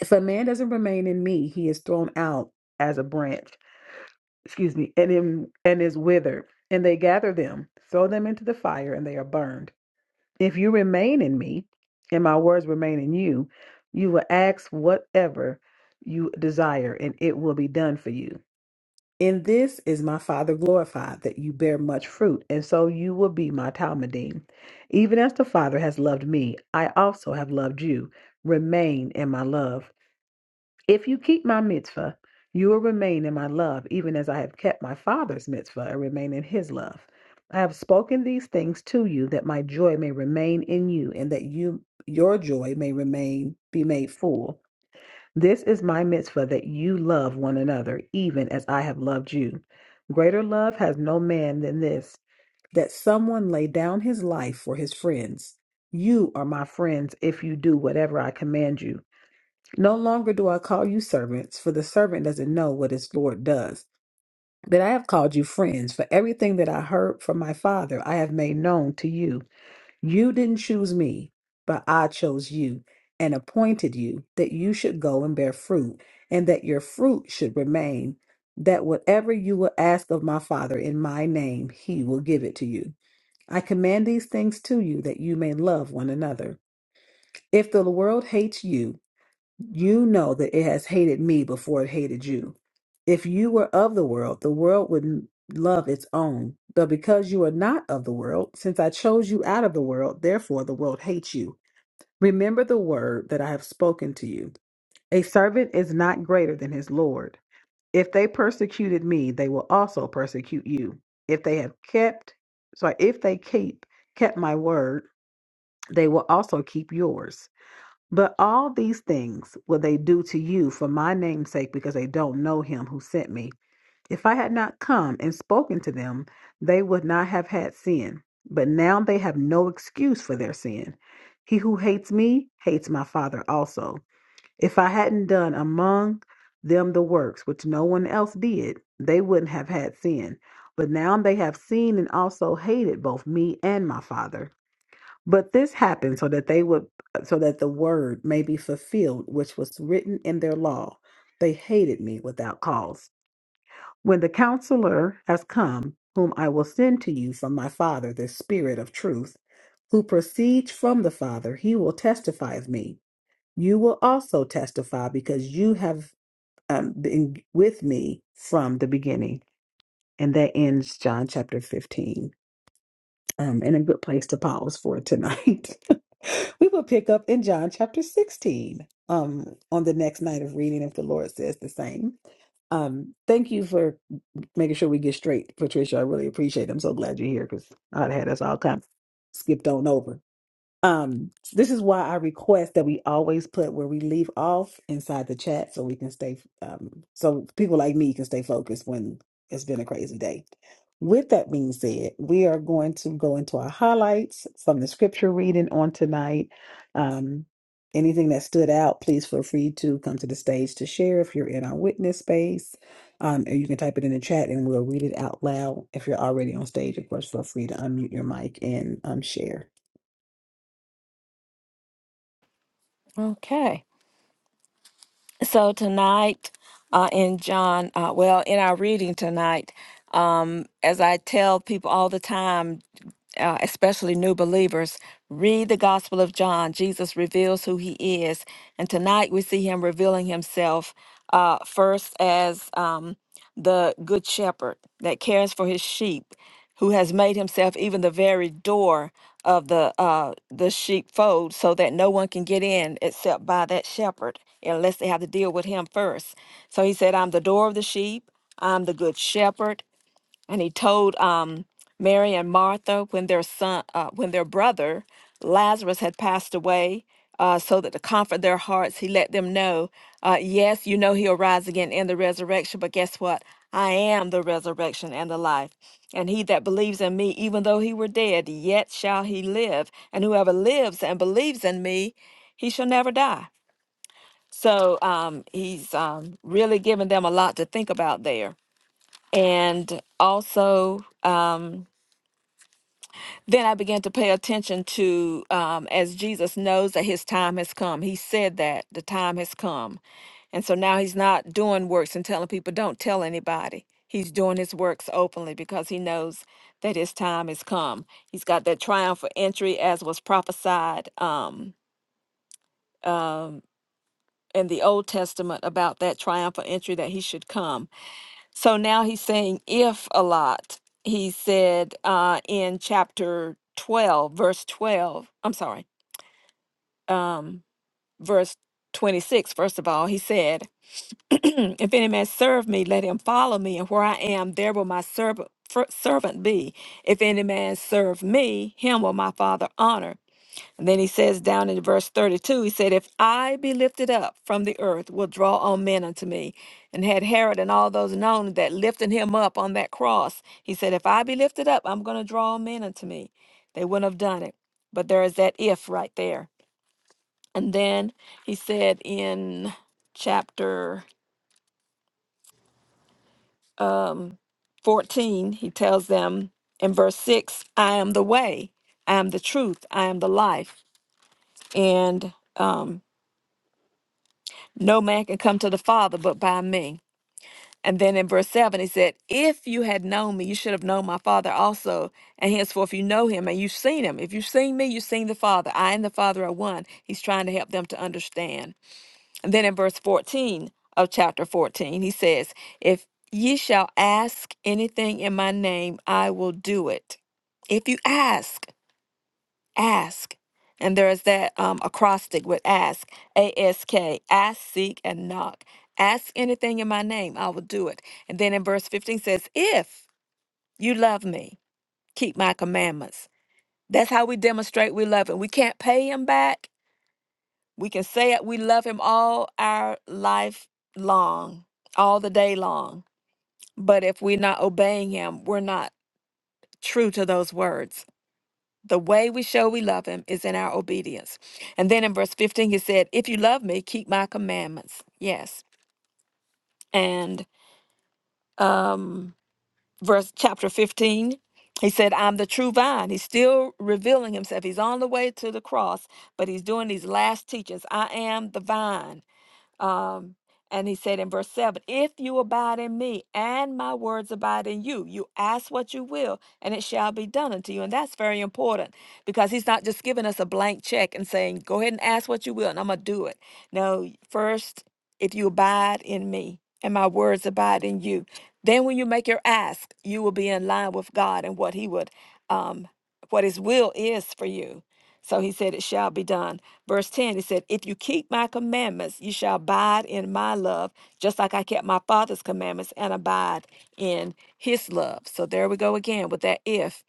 A: If a man doesn't remain in me, he is thrown out as a branch excuse me, and in, and is withered. And they gather them, throw them into the fire, and they are burned. If you remain in me, and my words remain in you, you will ask whatever you desire, and it will be done for you. In this is my Father glorified, that you bear much fruit, and so you will be my Talmudim. Even as the Father has loved me, I also have loved you. Remain in my love. If you keep my mitzvah, you will remain in my love, even as I have kept my father's mitzvah and remain in his love. I have spoken these things to you that my joy may remain in you and that you your joy may remain be made full. This is my mitzvah that you love one another, even as I have loved you. Greater love has no man than this, that someone lay down his life for his friends. You are my friends if you do whatever I command you. No longer do I call you servants, for the servant doesn't know what his Lord does. But I have called you friends, for everything that I heard from my Father I have made known to you. You didn't choose me, but I chose you and appointed you that you should go and bear fruit, and that your fruit should remain, that whatever you will ask of my Father in my name, he will give it to you. I command these things to you that you may love one another. If the world hates you, you know that it has hated me before it hated you. If you were of the world, the world would n- love its own. But because you are not of the world, since I chose you out of the world, therefore the world hates you. Remember the word that I have spoken to you. A servant is not greater than his Lord. If they persecuted me, they will also persecute you. If they have kept, sorry, if they keep kept my word, they will also keep yours. But all these things will they do to you for my name's sake, because they don't know him who sent me. If I had not come and spoken to them, they would not have had sin. But now they have no excuse for their sin. He who hates me hates my Father also. If I hadn't done among them the works which no one else did, they wouldn't have had sin. But now they have seen and also hated both me and my Father. But this happened so that they would, so that the word may be fulfilled, which was written in their law. They hated me without cause. When the counselor has come, whom I will send to you from my Father, the Spirit of truth, who proceeds from the Father, he will testify of me. You will also testify because you have um, been with me from the beginning. And that ends John chapter 15 um, and a good place to pause for tonight. we will pick up in John chapter 16 um, on the next night of reading, if the Lord says the same. Um, thank you for making sure we get straight, Patricia. I really appreciate it. I'm so glad you're here because I'd had us all kind of skipped on over. Um, this is why I request that we always put where we leave off inside the chat so we can stay, um, so people like me can stay focused when it's been a crazy day. With that being said, we are going to go into our highlights from the scripture reading on tonight. Um, anything that stood out, please feel free to come to the stage to share if you're in our witness space. Um, or you can type it in the chat and we'll read it out loud. If you're already on stage, of course, feel free to unmute your mic and um, share.
B: Okay. So tonight, uh, in John, uh, well, in our reading tonight, um, as I tell people all the time, uh, especially new believers, read the Gospel of John. Jesus reveals who he is. And tonight we see him revealing himself uh, first as. Um, the good shepherd that cares for his sheep, who has made himself even the very door of the uh, the sheepfold, so that no one can get in except by that shepherd, unless they have to deal with him first. So he said, "I'm the door of the sheep. I'm the good shepherd and he told um, Mary and Martha when their son, uh, when their brother Lazarus had passed away, uh, so that to comfort their hearts, he let them know, uh, yes, you know he'll rise again in the resurrection, but guess what? I am the resurrection and the life. And he that believes in me, even though he were dead, yet shall he live. And whoever lives and believes in me, he shall never die. So um, he's um, really giving them a lot to think about there and also um, then i began to pay attention to um, as jesus knows that his time has come he said that the time has come and so now he's not doing works and telling people don't tell anybody he's doing his works openly because he knows that his time has come he's got that triumphal entry as was prophesied um, um, in the old testament about that triumphal entry that he should come So now he's saying if a lot. He said uh, in chapter 12, verse 12, I'm sorry, um, verse 26, first of all, he said, If any man serve me, let him follow me, and where I am, there will my serv- fer- servant be. If any man serve me, him will my Father honor. And then he says down in verse 32, he said, If I be lifted up from the earth, will draw all men unto me. And had Herod and all those known that lifting him up on that cross, he said, If I be lifted up, I'm going to draw all men unto me. They wouldn't have done it. But there is that if right there. And then he said in chapter um, 14, he tells them in verse 6, I am the way, I am the truth, I am the life. And um, No man can come to the Father but by me. And then in verse 7, he said, If you had known me, you should have known my Father also. And henceforth, you know him and you've seen him. If you've seen me, you've seen the Father. I and the Father are one. He's trying to help them to understand. And then in verse 14 of chapter 14, he says, If ye shall ask anything in my name, I will do it. If you ask, ask. And there is that um, acrostic with ask, A S K, ask, seek, and knock. Ask anything in my name, I will do it. And then in verse 15 says, If you love me, keep my commandments. That's how we demonstrate we love him. We can't pay him back. We can say it, we love him all our life long, all the day long. But if we're not obeying him, we're not true to those words. The way we show we love him is in our obedience. And then in verse 15, he said, If you love me, keep my commandments. Yes. And um, verse chapter 15, he said, I'm the true vine. He's still revealing himself. He's on the way to the cross, but he's doing these last teachings. I am the vine. Um, and he said in verse 7 If you abide in me and my words abide in you, you ask what you will, and it shall be done unto you. And that's very important because he's not just giving us a blank check and saying, Go ahead and ask what you will, and I'm going to do it. No, first, if you abide in me and my words abide in you, then when you make your ask, you will be in line with God and what he would, um, what his will is for you. So he said, It shall be done. Verse 10, he said, If you keep my commandments, you shall abide in my love, just like I kept my father's commandments and abide in his love. So there we go again with that if.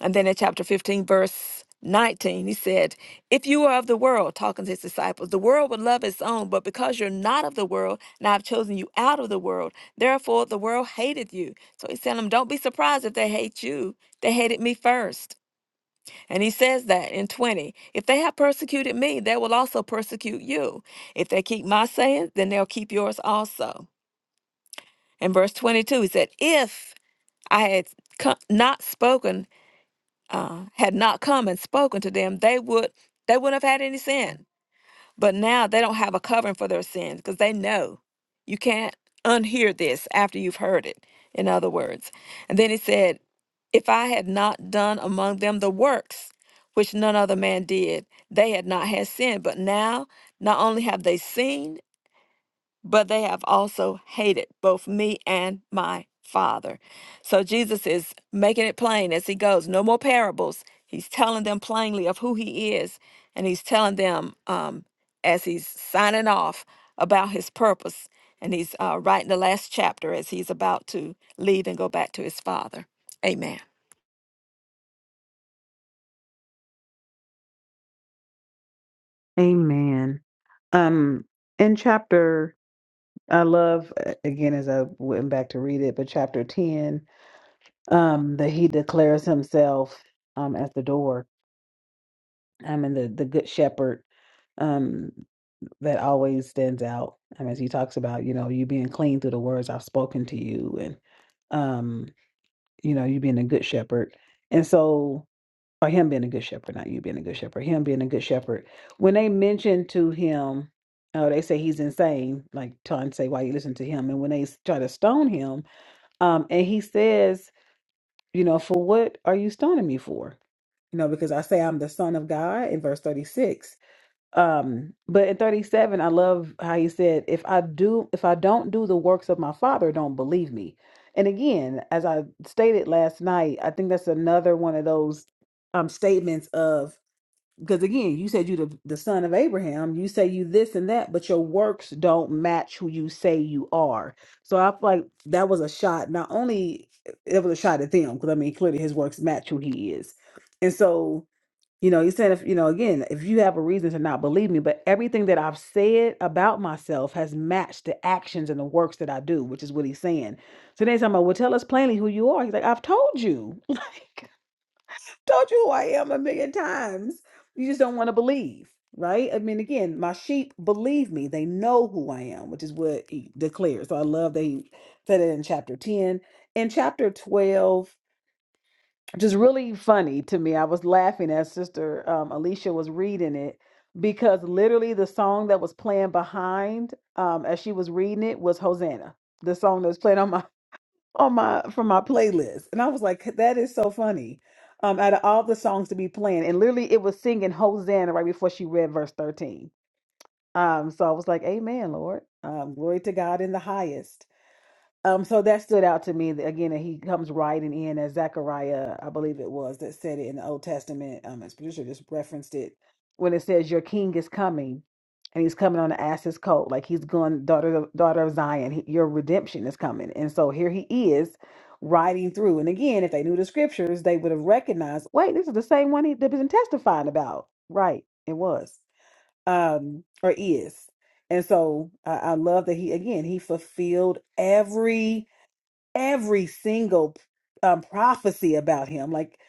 B: And then in chapter 15, verse 19, he said, If you are of the world, talking to his disciples, the world would love its own, but because you're not of the world, now I've chosen you out of the world. Therefore, the world hated you. So he's telling them, Don't be surprised if they hate you. They hated me first. And he says that in 20 if they have persecuted me, they will also persecute you. If they keep my saying, then they'll keep yours also. In verse 22, he said, If I had co- not spoken, uh, had not come and spoken to them, they would. They wouldn't have had any sin. But now they don't have a covering for their sins because they know you can't unhear this after you've heard it, in other words. And then he said, If I had not done among them the works which none other man did, they had not had sin. But now not only have they seen, but they have also hated both me and my Father. So Jesus is making it plain as he goes no more parables. He's telling them plainly of who he is, and he's telling them um, as he's signing off about his purpose. And he's uh, writing the last chapter as he's about to leave and go back to his Father. Amen.
A: Amen. Um, in chapter, I love uh, again as I went back to read it, but chapter ten, um, that he declares himself um at the door. I mean the the good shepherd um that always stands out. I mean, as he talks about, you know, you being clean through the words I've spoken to you, and um, you know, you being a good shepherd, and so. or him being a good shepherd, not you being a good shepherd, him being a good shepherd, when they mention to him, oh, they say he's insane, like trying to say why you listen to him. And when they s- try to stone him, um, and he says, you know, for what are you stoning me for? You know, because I say I'm the son of God in verse 36. Um, but in 37, I love how he said, if I do, if I don't do the works of my father, don't believe me. And again, as I stated last night, I think that's another one of those um statements of because again, you said you the, the son of Abraham, you say you this and that, but your works don't match who you say you are. So I feel like that was a shot. Not only it was a shot at them, because I mean, clearly his works match who he is. And so, you know, you said if you know, again, if you have a reason to not believe me, but everything that I've said about myself has matched the actions and the works that I do, which is what he's saying. So then he's talking about, well, tell us plainly who you are. He's like, I've told you. told you who I am a million times. You just don't want to believe, right? I mean, again, my sheep believe me. They know who I am, which is what he declares. So I love that he said it in chapter 10. In chapter 12, which is really funny to me, I was laughing as Sister um, Alicia was reading it because literally the song that was playing behind um, as she was reading it was Hosanna. The song that was playing on my on my from my playlist and i was like that is so funny um out of all the songs to be playing and literally it was singing hosanna right before she read verse 13 um so i was like amen lord um glory to god in the highest um, so that stood out to me that, again, that he comes riding in as Zechariah, I believe it was, that said it in the Old Testament. Um, as producer just referenced it when it says, "Your king is coming, and he's coming on an ass's coat, like he's going, daughter, of, daughter of Zion, he, your redemption is coming." And so here he is riding through. And again, if they knew the scriptures, they would have recognized, "Wait, this is the same one he, they've been testifying about." Right? It was, um, or is. And so I I love that he again he fulfilled every every single um, prophecy about him. Like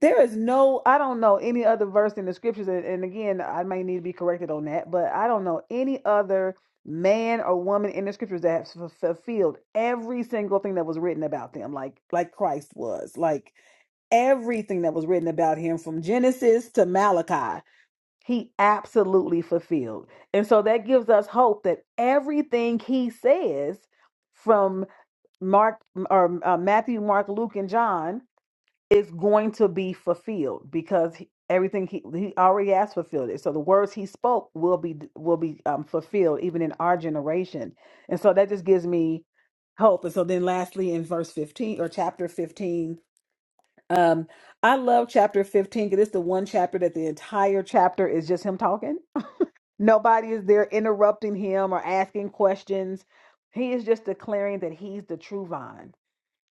A: there is no, I don't know any other verse in the scriptures, and, and again, I may need to be corrected on that, but I don't know any other man or woman in the scriptures that has f- fulfilled every single thing that was written about them, like like Christ was, like everything that was written about him from Genesis to Malachi. He absolutely fulfilled. And so that gives us hope that everything he says from. Mark or uh, Matthew, Mark, Luke, and John is going to be fulfilled because he- everything he he already has fulfilled it. So the words he spoke will be will be um, fulfilled even in our generation, and so that just gives me hope. And so then, lastly, in verse fifteen or chapter fifteen. Um, I love chapter 15 because it's the one chapter that the entire chapter is just him talking. Nobody is there interrupting him or asking questions. He is just declaring that he's the true vine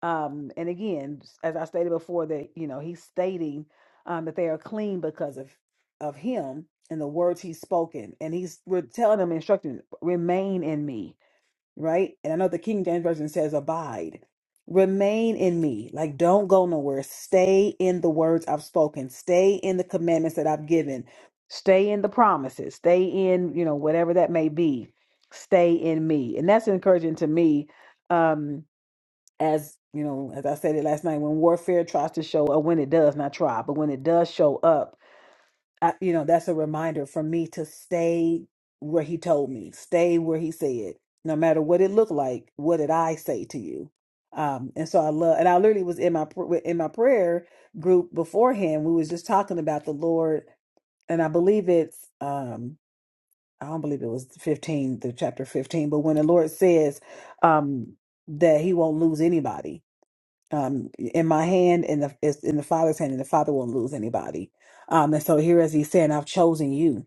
A: um, and again, as I stated before, that you know he's stating um, that they are clean because of of him and the words he's spoken, and he's we're telling them, instructing, remain in me, right? And I know the King James version says abide, remain in me, like don't go nowhere. Stay in the words I've spoken. Stay in the commandments that I've given. Stay in the promises. Stay in you know whatever that may be. Stay in me, and that's encouraging to me. Um, as you know, as I said it last night, when warfare tries to show or when it does not try, but when it does show up, I, you know, that's a reminder for me to stay where he told me, stay where he said, no matter what it looked like. What did I say to you? Um, and so I love, and I literally was in my pr- in my prayer group beforehand. We was just talking about the Lord, and I believe it's um, I don't believe it was fifteen, the chapter fifteen, but when the Lord says um that He won't lose anybody, um, in my hand and the it's in the Father's hand, and the Father won't lose anybody. Um, and so here, as He's saying, I've chosen you,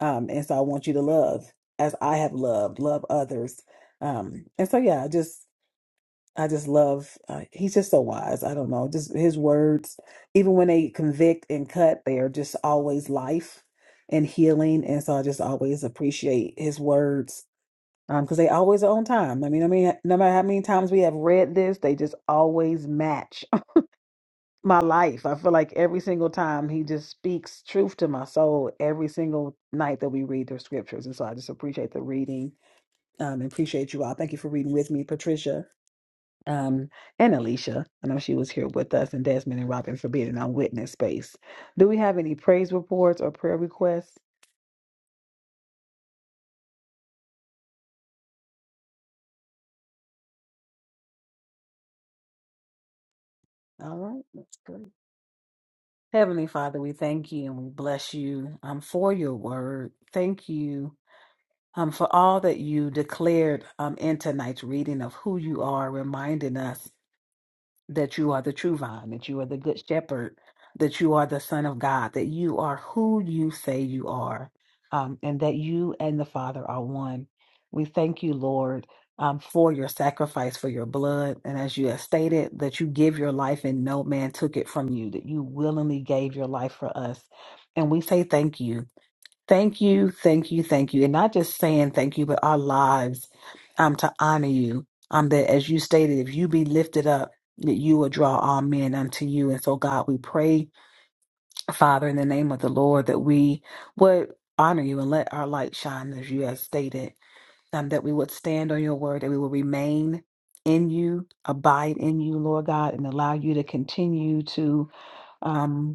A: um, and so I want you to love as I have loved, love others. Um, and so yeah, I just I just love. Uh, he's just so wise. I don't know, just his words, even when they convict and cut, they are just always life and healing. And so I just always appreciate his words. Um, because they always are on time. I mean, I mean, no matter how many times we have read this, they just always match my life. I feel like every single time he just speaks truth to my soul every single night that we read the scriptures. And so I just appreciate the reading um, and appreciate you all. Thank you for reading with me, Patricia um, and Alicia. I know she was here with us, and Desmond and Robin for being in our witness space. Do we have any praise reports or prayer requests? All right, that's good. Heavenly Father, we thank you and we bless you um, for your word. Thank you um, for all that you declared um, in tonight's reading of who you are, reminding us that you are the true vine, that you are the good shepherd, that you are the Son of God, that you are who you say you are, um, and that you and the Father are one. We thank you, Lord. Um, for your sacrifice, for your blood. And as you have stated, that you give your life and no man took it from you, that you willingly gave your life for us. And we say thank you. Thank you, thank you, thank you. And not just saying thank you, but our lives um to honor you. Um that as you stated, if you be lifted up, that you will draw all men unto you. And so God, we pray, Father, in the name of the Lord, that we would honor you and let our light shine as you have stated. Um, that we would stand on your word, that we will remain in you, abide in you, Lord God, and allow you to continue to um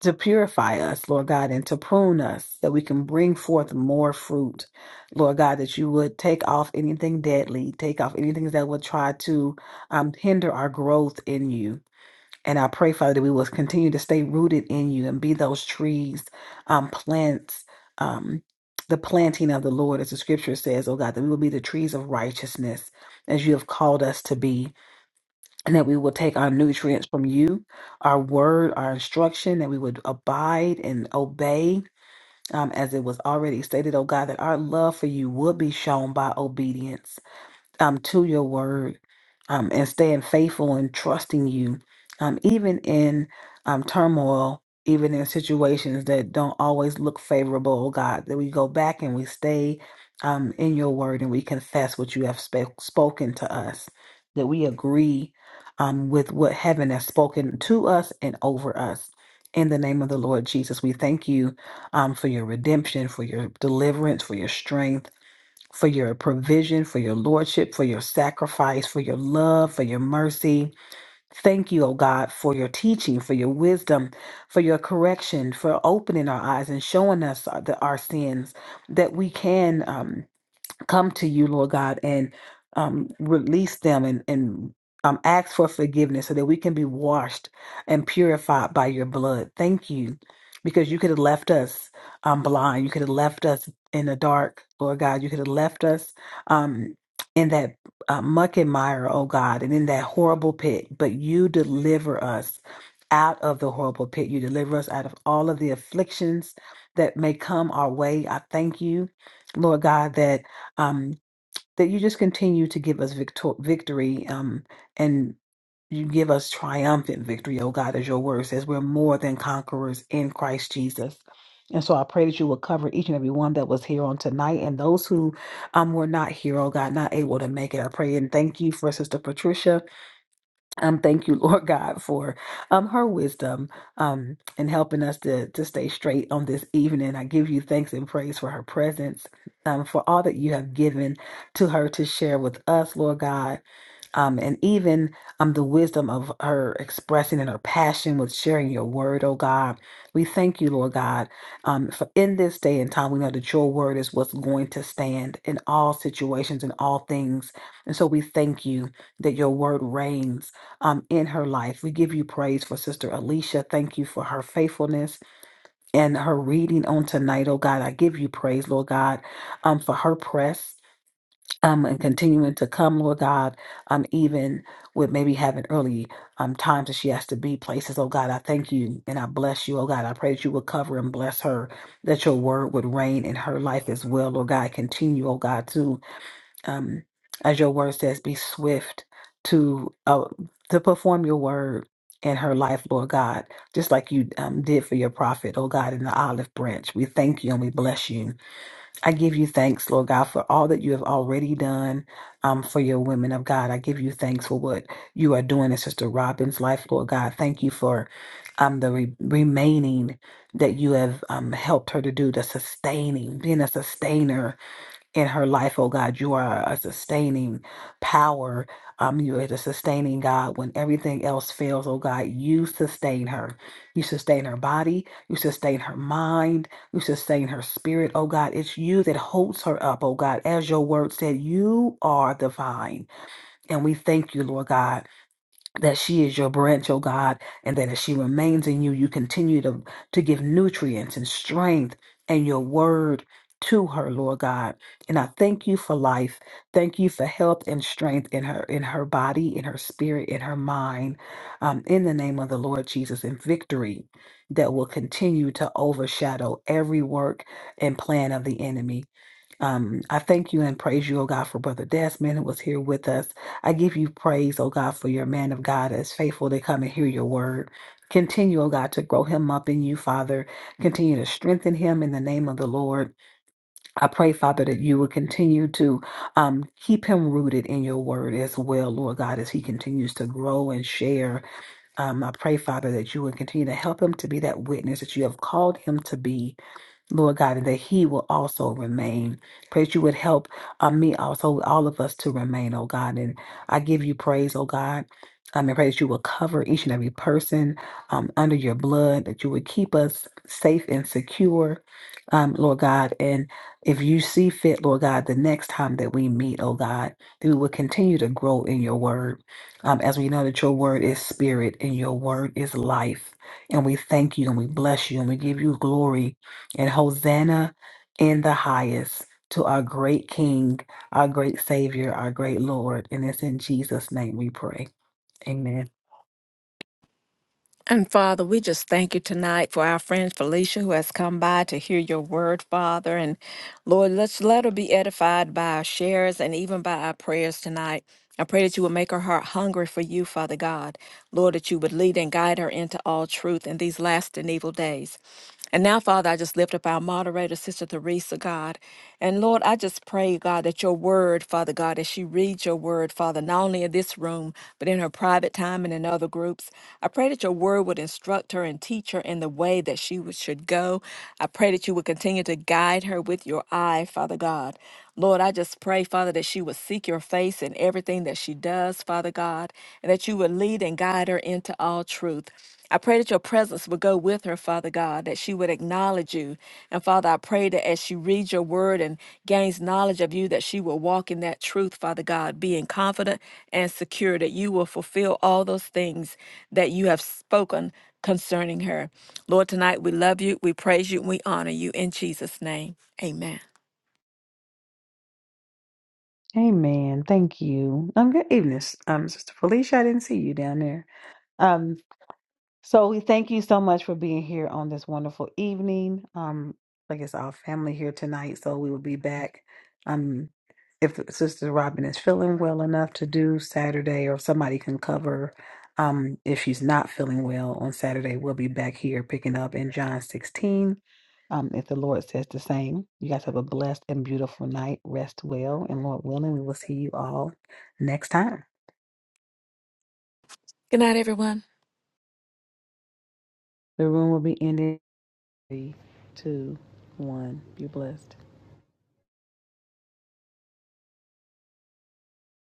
A: to purify us, Lord God, and to prune us that we can bring forth more fruit, Lord God, that you would take off anything deadly, take off anything that would try to um, hinder our growth in you. And I pray, Father, that we will continue to stay rooted in you and be those trees, um, plants, um, the planting of the Lord, as the scripture says, oh God, that we will be the trees of righteousness as you have called us to be and that we will take our nutrients from you, our word, our instruction, that we would abide and obey, um, as it was already stated, oh God, that our love for you would be shown by obedience um, to your word um, and staying faithful and trusting you, um, even in um, turmoil, even in situations that don't always look favorable, oh God, that we go back and we stay um, in your word and we confess what you have sp- spoken to us, that we agree um, with what heaven has spoken to us and over us. In the name of the Lord Jesus, we thank you um, for your redemption, for your deliverance, for your strength for your provision, for your lordship, for your sacrifice, for your love, for your mercy. Thank you, O God, for your teaching, for your wisdom, for your correction, for opening our eyes and showing us our, the, our sins that we can. Um, come to you, Lord God, and um, release them and, and um, ask for forgiveness so that we can be washed and purified by your blood. Thank you, because you could have left us um, blind. You could have left us in the dark, Lord God. You could have left us um, in that uh, muck and mire, oh God, and in that horrible pit. But you deliver us out of the horrible pit. You deliver us out of all of the afflictions that may come our way. I thank you, Lord God, that um, that you just continue to give us victor- victory um, and you give us triumphant victory, oh God, as your word says, we're more than conquerors in Christ Jesus. And so I pray that you will cover each and every one that was here on tonight and those who um, were not here, oh God, not able to make it. I pray and thank you for Sister Patricia um, thank you, Lord God, for um her wisdom um and helping us to to stay straight on this evening. I give you thanks and praise for her presence, um, for all that you have given to her to share with us, Lord God um, and even um, the wisdom of her expressing and her passion with sharing your word, oh God. We thank you, Lord God, um, for in this day and time, we know that your word is what's going to stand in all situations and all things. And so we thank you that your word reigns um, in her life. We give you praise for Sister Alicia. Thank you for her faithfulness and her reading on tonight. Oh God, I give you praise, Lord God, um, for her press. Um, and continuing to come, Lord God, um, even with maybe having early um, times that she has to be places. Oh God, I thank you and I bless you. Oh God, I pray that you would cover and bless her, that your word would reign in her life as well. Lord God, continue, oh God, to um, as your word says, be swift to uh, to perform your word in her life, Lord God, just like you um, did for your prophet, oh God, in the olive branch. We thank you and we bless you. I give you thanks, Lord God, for all that you have already done um, for your women of God. I give you thanks for what you are doing in Sister Robin's life, Lord God. Thank you for um, the re- remaining that you have um, helped her to do, the sustaining, being a sustainer in her life, oh God. You are a sustaining power. Um, you are the sustaining God. When everything else fails, oh God, you sustain her. You sustain her body. You sustain her mind. You sustain her spirit, oh God. It's you that holds her up, oh God. As your word said, you are the vine. And we thank you, Lord God that she is your branch, oh God, and that as she remains in you, you continue to, to give nutrients and strength and your word to her, Lord God. And I thank you for life. Thank you for health and strength in her, in her body, in her spirit, in her mind, um, in the name of the Lord Jesus, and victory that will continue to overshadow every work and plan of the enemy. Um, I thank you and praise you, oh God, for Brother Desmond who was here with us. I give you praise, oh God, for your man of God that's faithful to come and hear your word. Continue, oh God, to grow him up in you, Father. Continue to strengthen him in the name of the Lord. I pray, Father, that you will continue to um, keep him rooted in your word as well, Lord God, as he continues to grow and share. Um, I pray, Father, that you will continue to help him to be that witness that you have called him to be Lord God, and that he will also remain. Praise you would help uh, me also, all of us to remain, oh God. And I give you praise, oh God. Um, and praise you will cover each and every person um, under your blood, that you would keep us safe and secure, um, Lord God. And if you see fit, Lord God, the next time that we meet, oh God, that we will continue to grow in your word. Um, as we know that your word is spirit and your word is life. And we thank you and we bless you and we give you glory and Hosanna in the highest to our great King, our great Savior, our great Lord. And it's in Jesus' name we pray. Amen.
B: And Father, we just thank you tonight for our friend Felicia who has come by to hear your word, Father. And Lord, let's let her be edified by our shares and even by our prayers tonight. I pray that you would make her heart hungry for you, Father God. Lord, that you would lead and guide her into all truth in these last and evil days. And now, Father, I just lift up our moderator, Sister Theresa, God. And Lord, I just pray, God, that your word, Father God, as she reads your word, Father, not only in this room, but in her private time and in other groups, I pray that your word would instruct her and teach her in the way that she would- should go. I pray that you would continue to guide her with your eye, Father God. Lord, I just pray, Father, that she would seek your face in everything that she does, Father God, and that you would lead and guide her into all truth. I pray that your presence would go with her, Father God, that she would acknowledge you. And Father, I pray that as she reads your word and gains knowledge of you, that she will walk in that truth, Father God, being confident and secure that you will fulfill all those things that you have spoken concerning her. Lord, tonight we love you, we praise you, and we honor you in Jesus' name. Amen.
A: Amen. Thank you. Um, good evening, um, Sister Felicia. I didn't see you down there. So we thank you so much for being here on this wonderful evening. Um, like it's our family here tonight, so we will be back. Um, if Sister Robin is feeling well enough to do Saturday, or if somebody can cover, um, if she's not feeling well on Saturday, we'll be back here picking up in John 16. Um, if the Lord says the same, you guys have a blessed and beautiful night. Rest well, and Lord willing, we will see you all next time.
B: Good night, everyone.
A: The room will be ending. Three, two, one. Be blessed.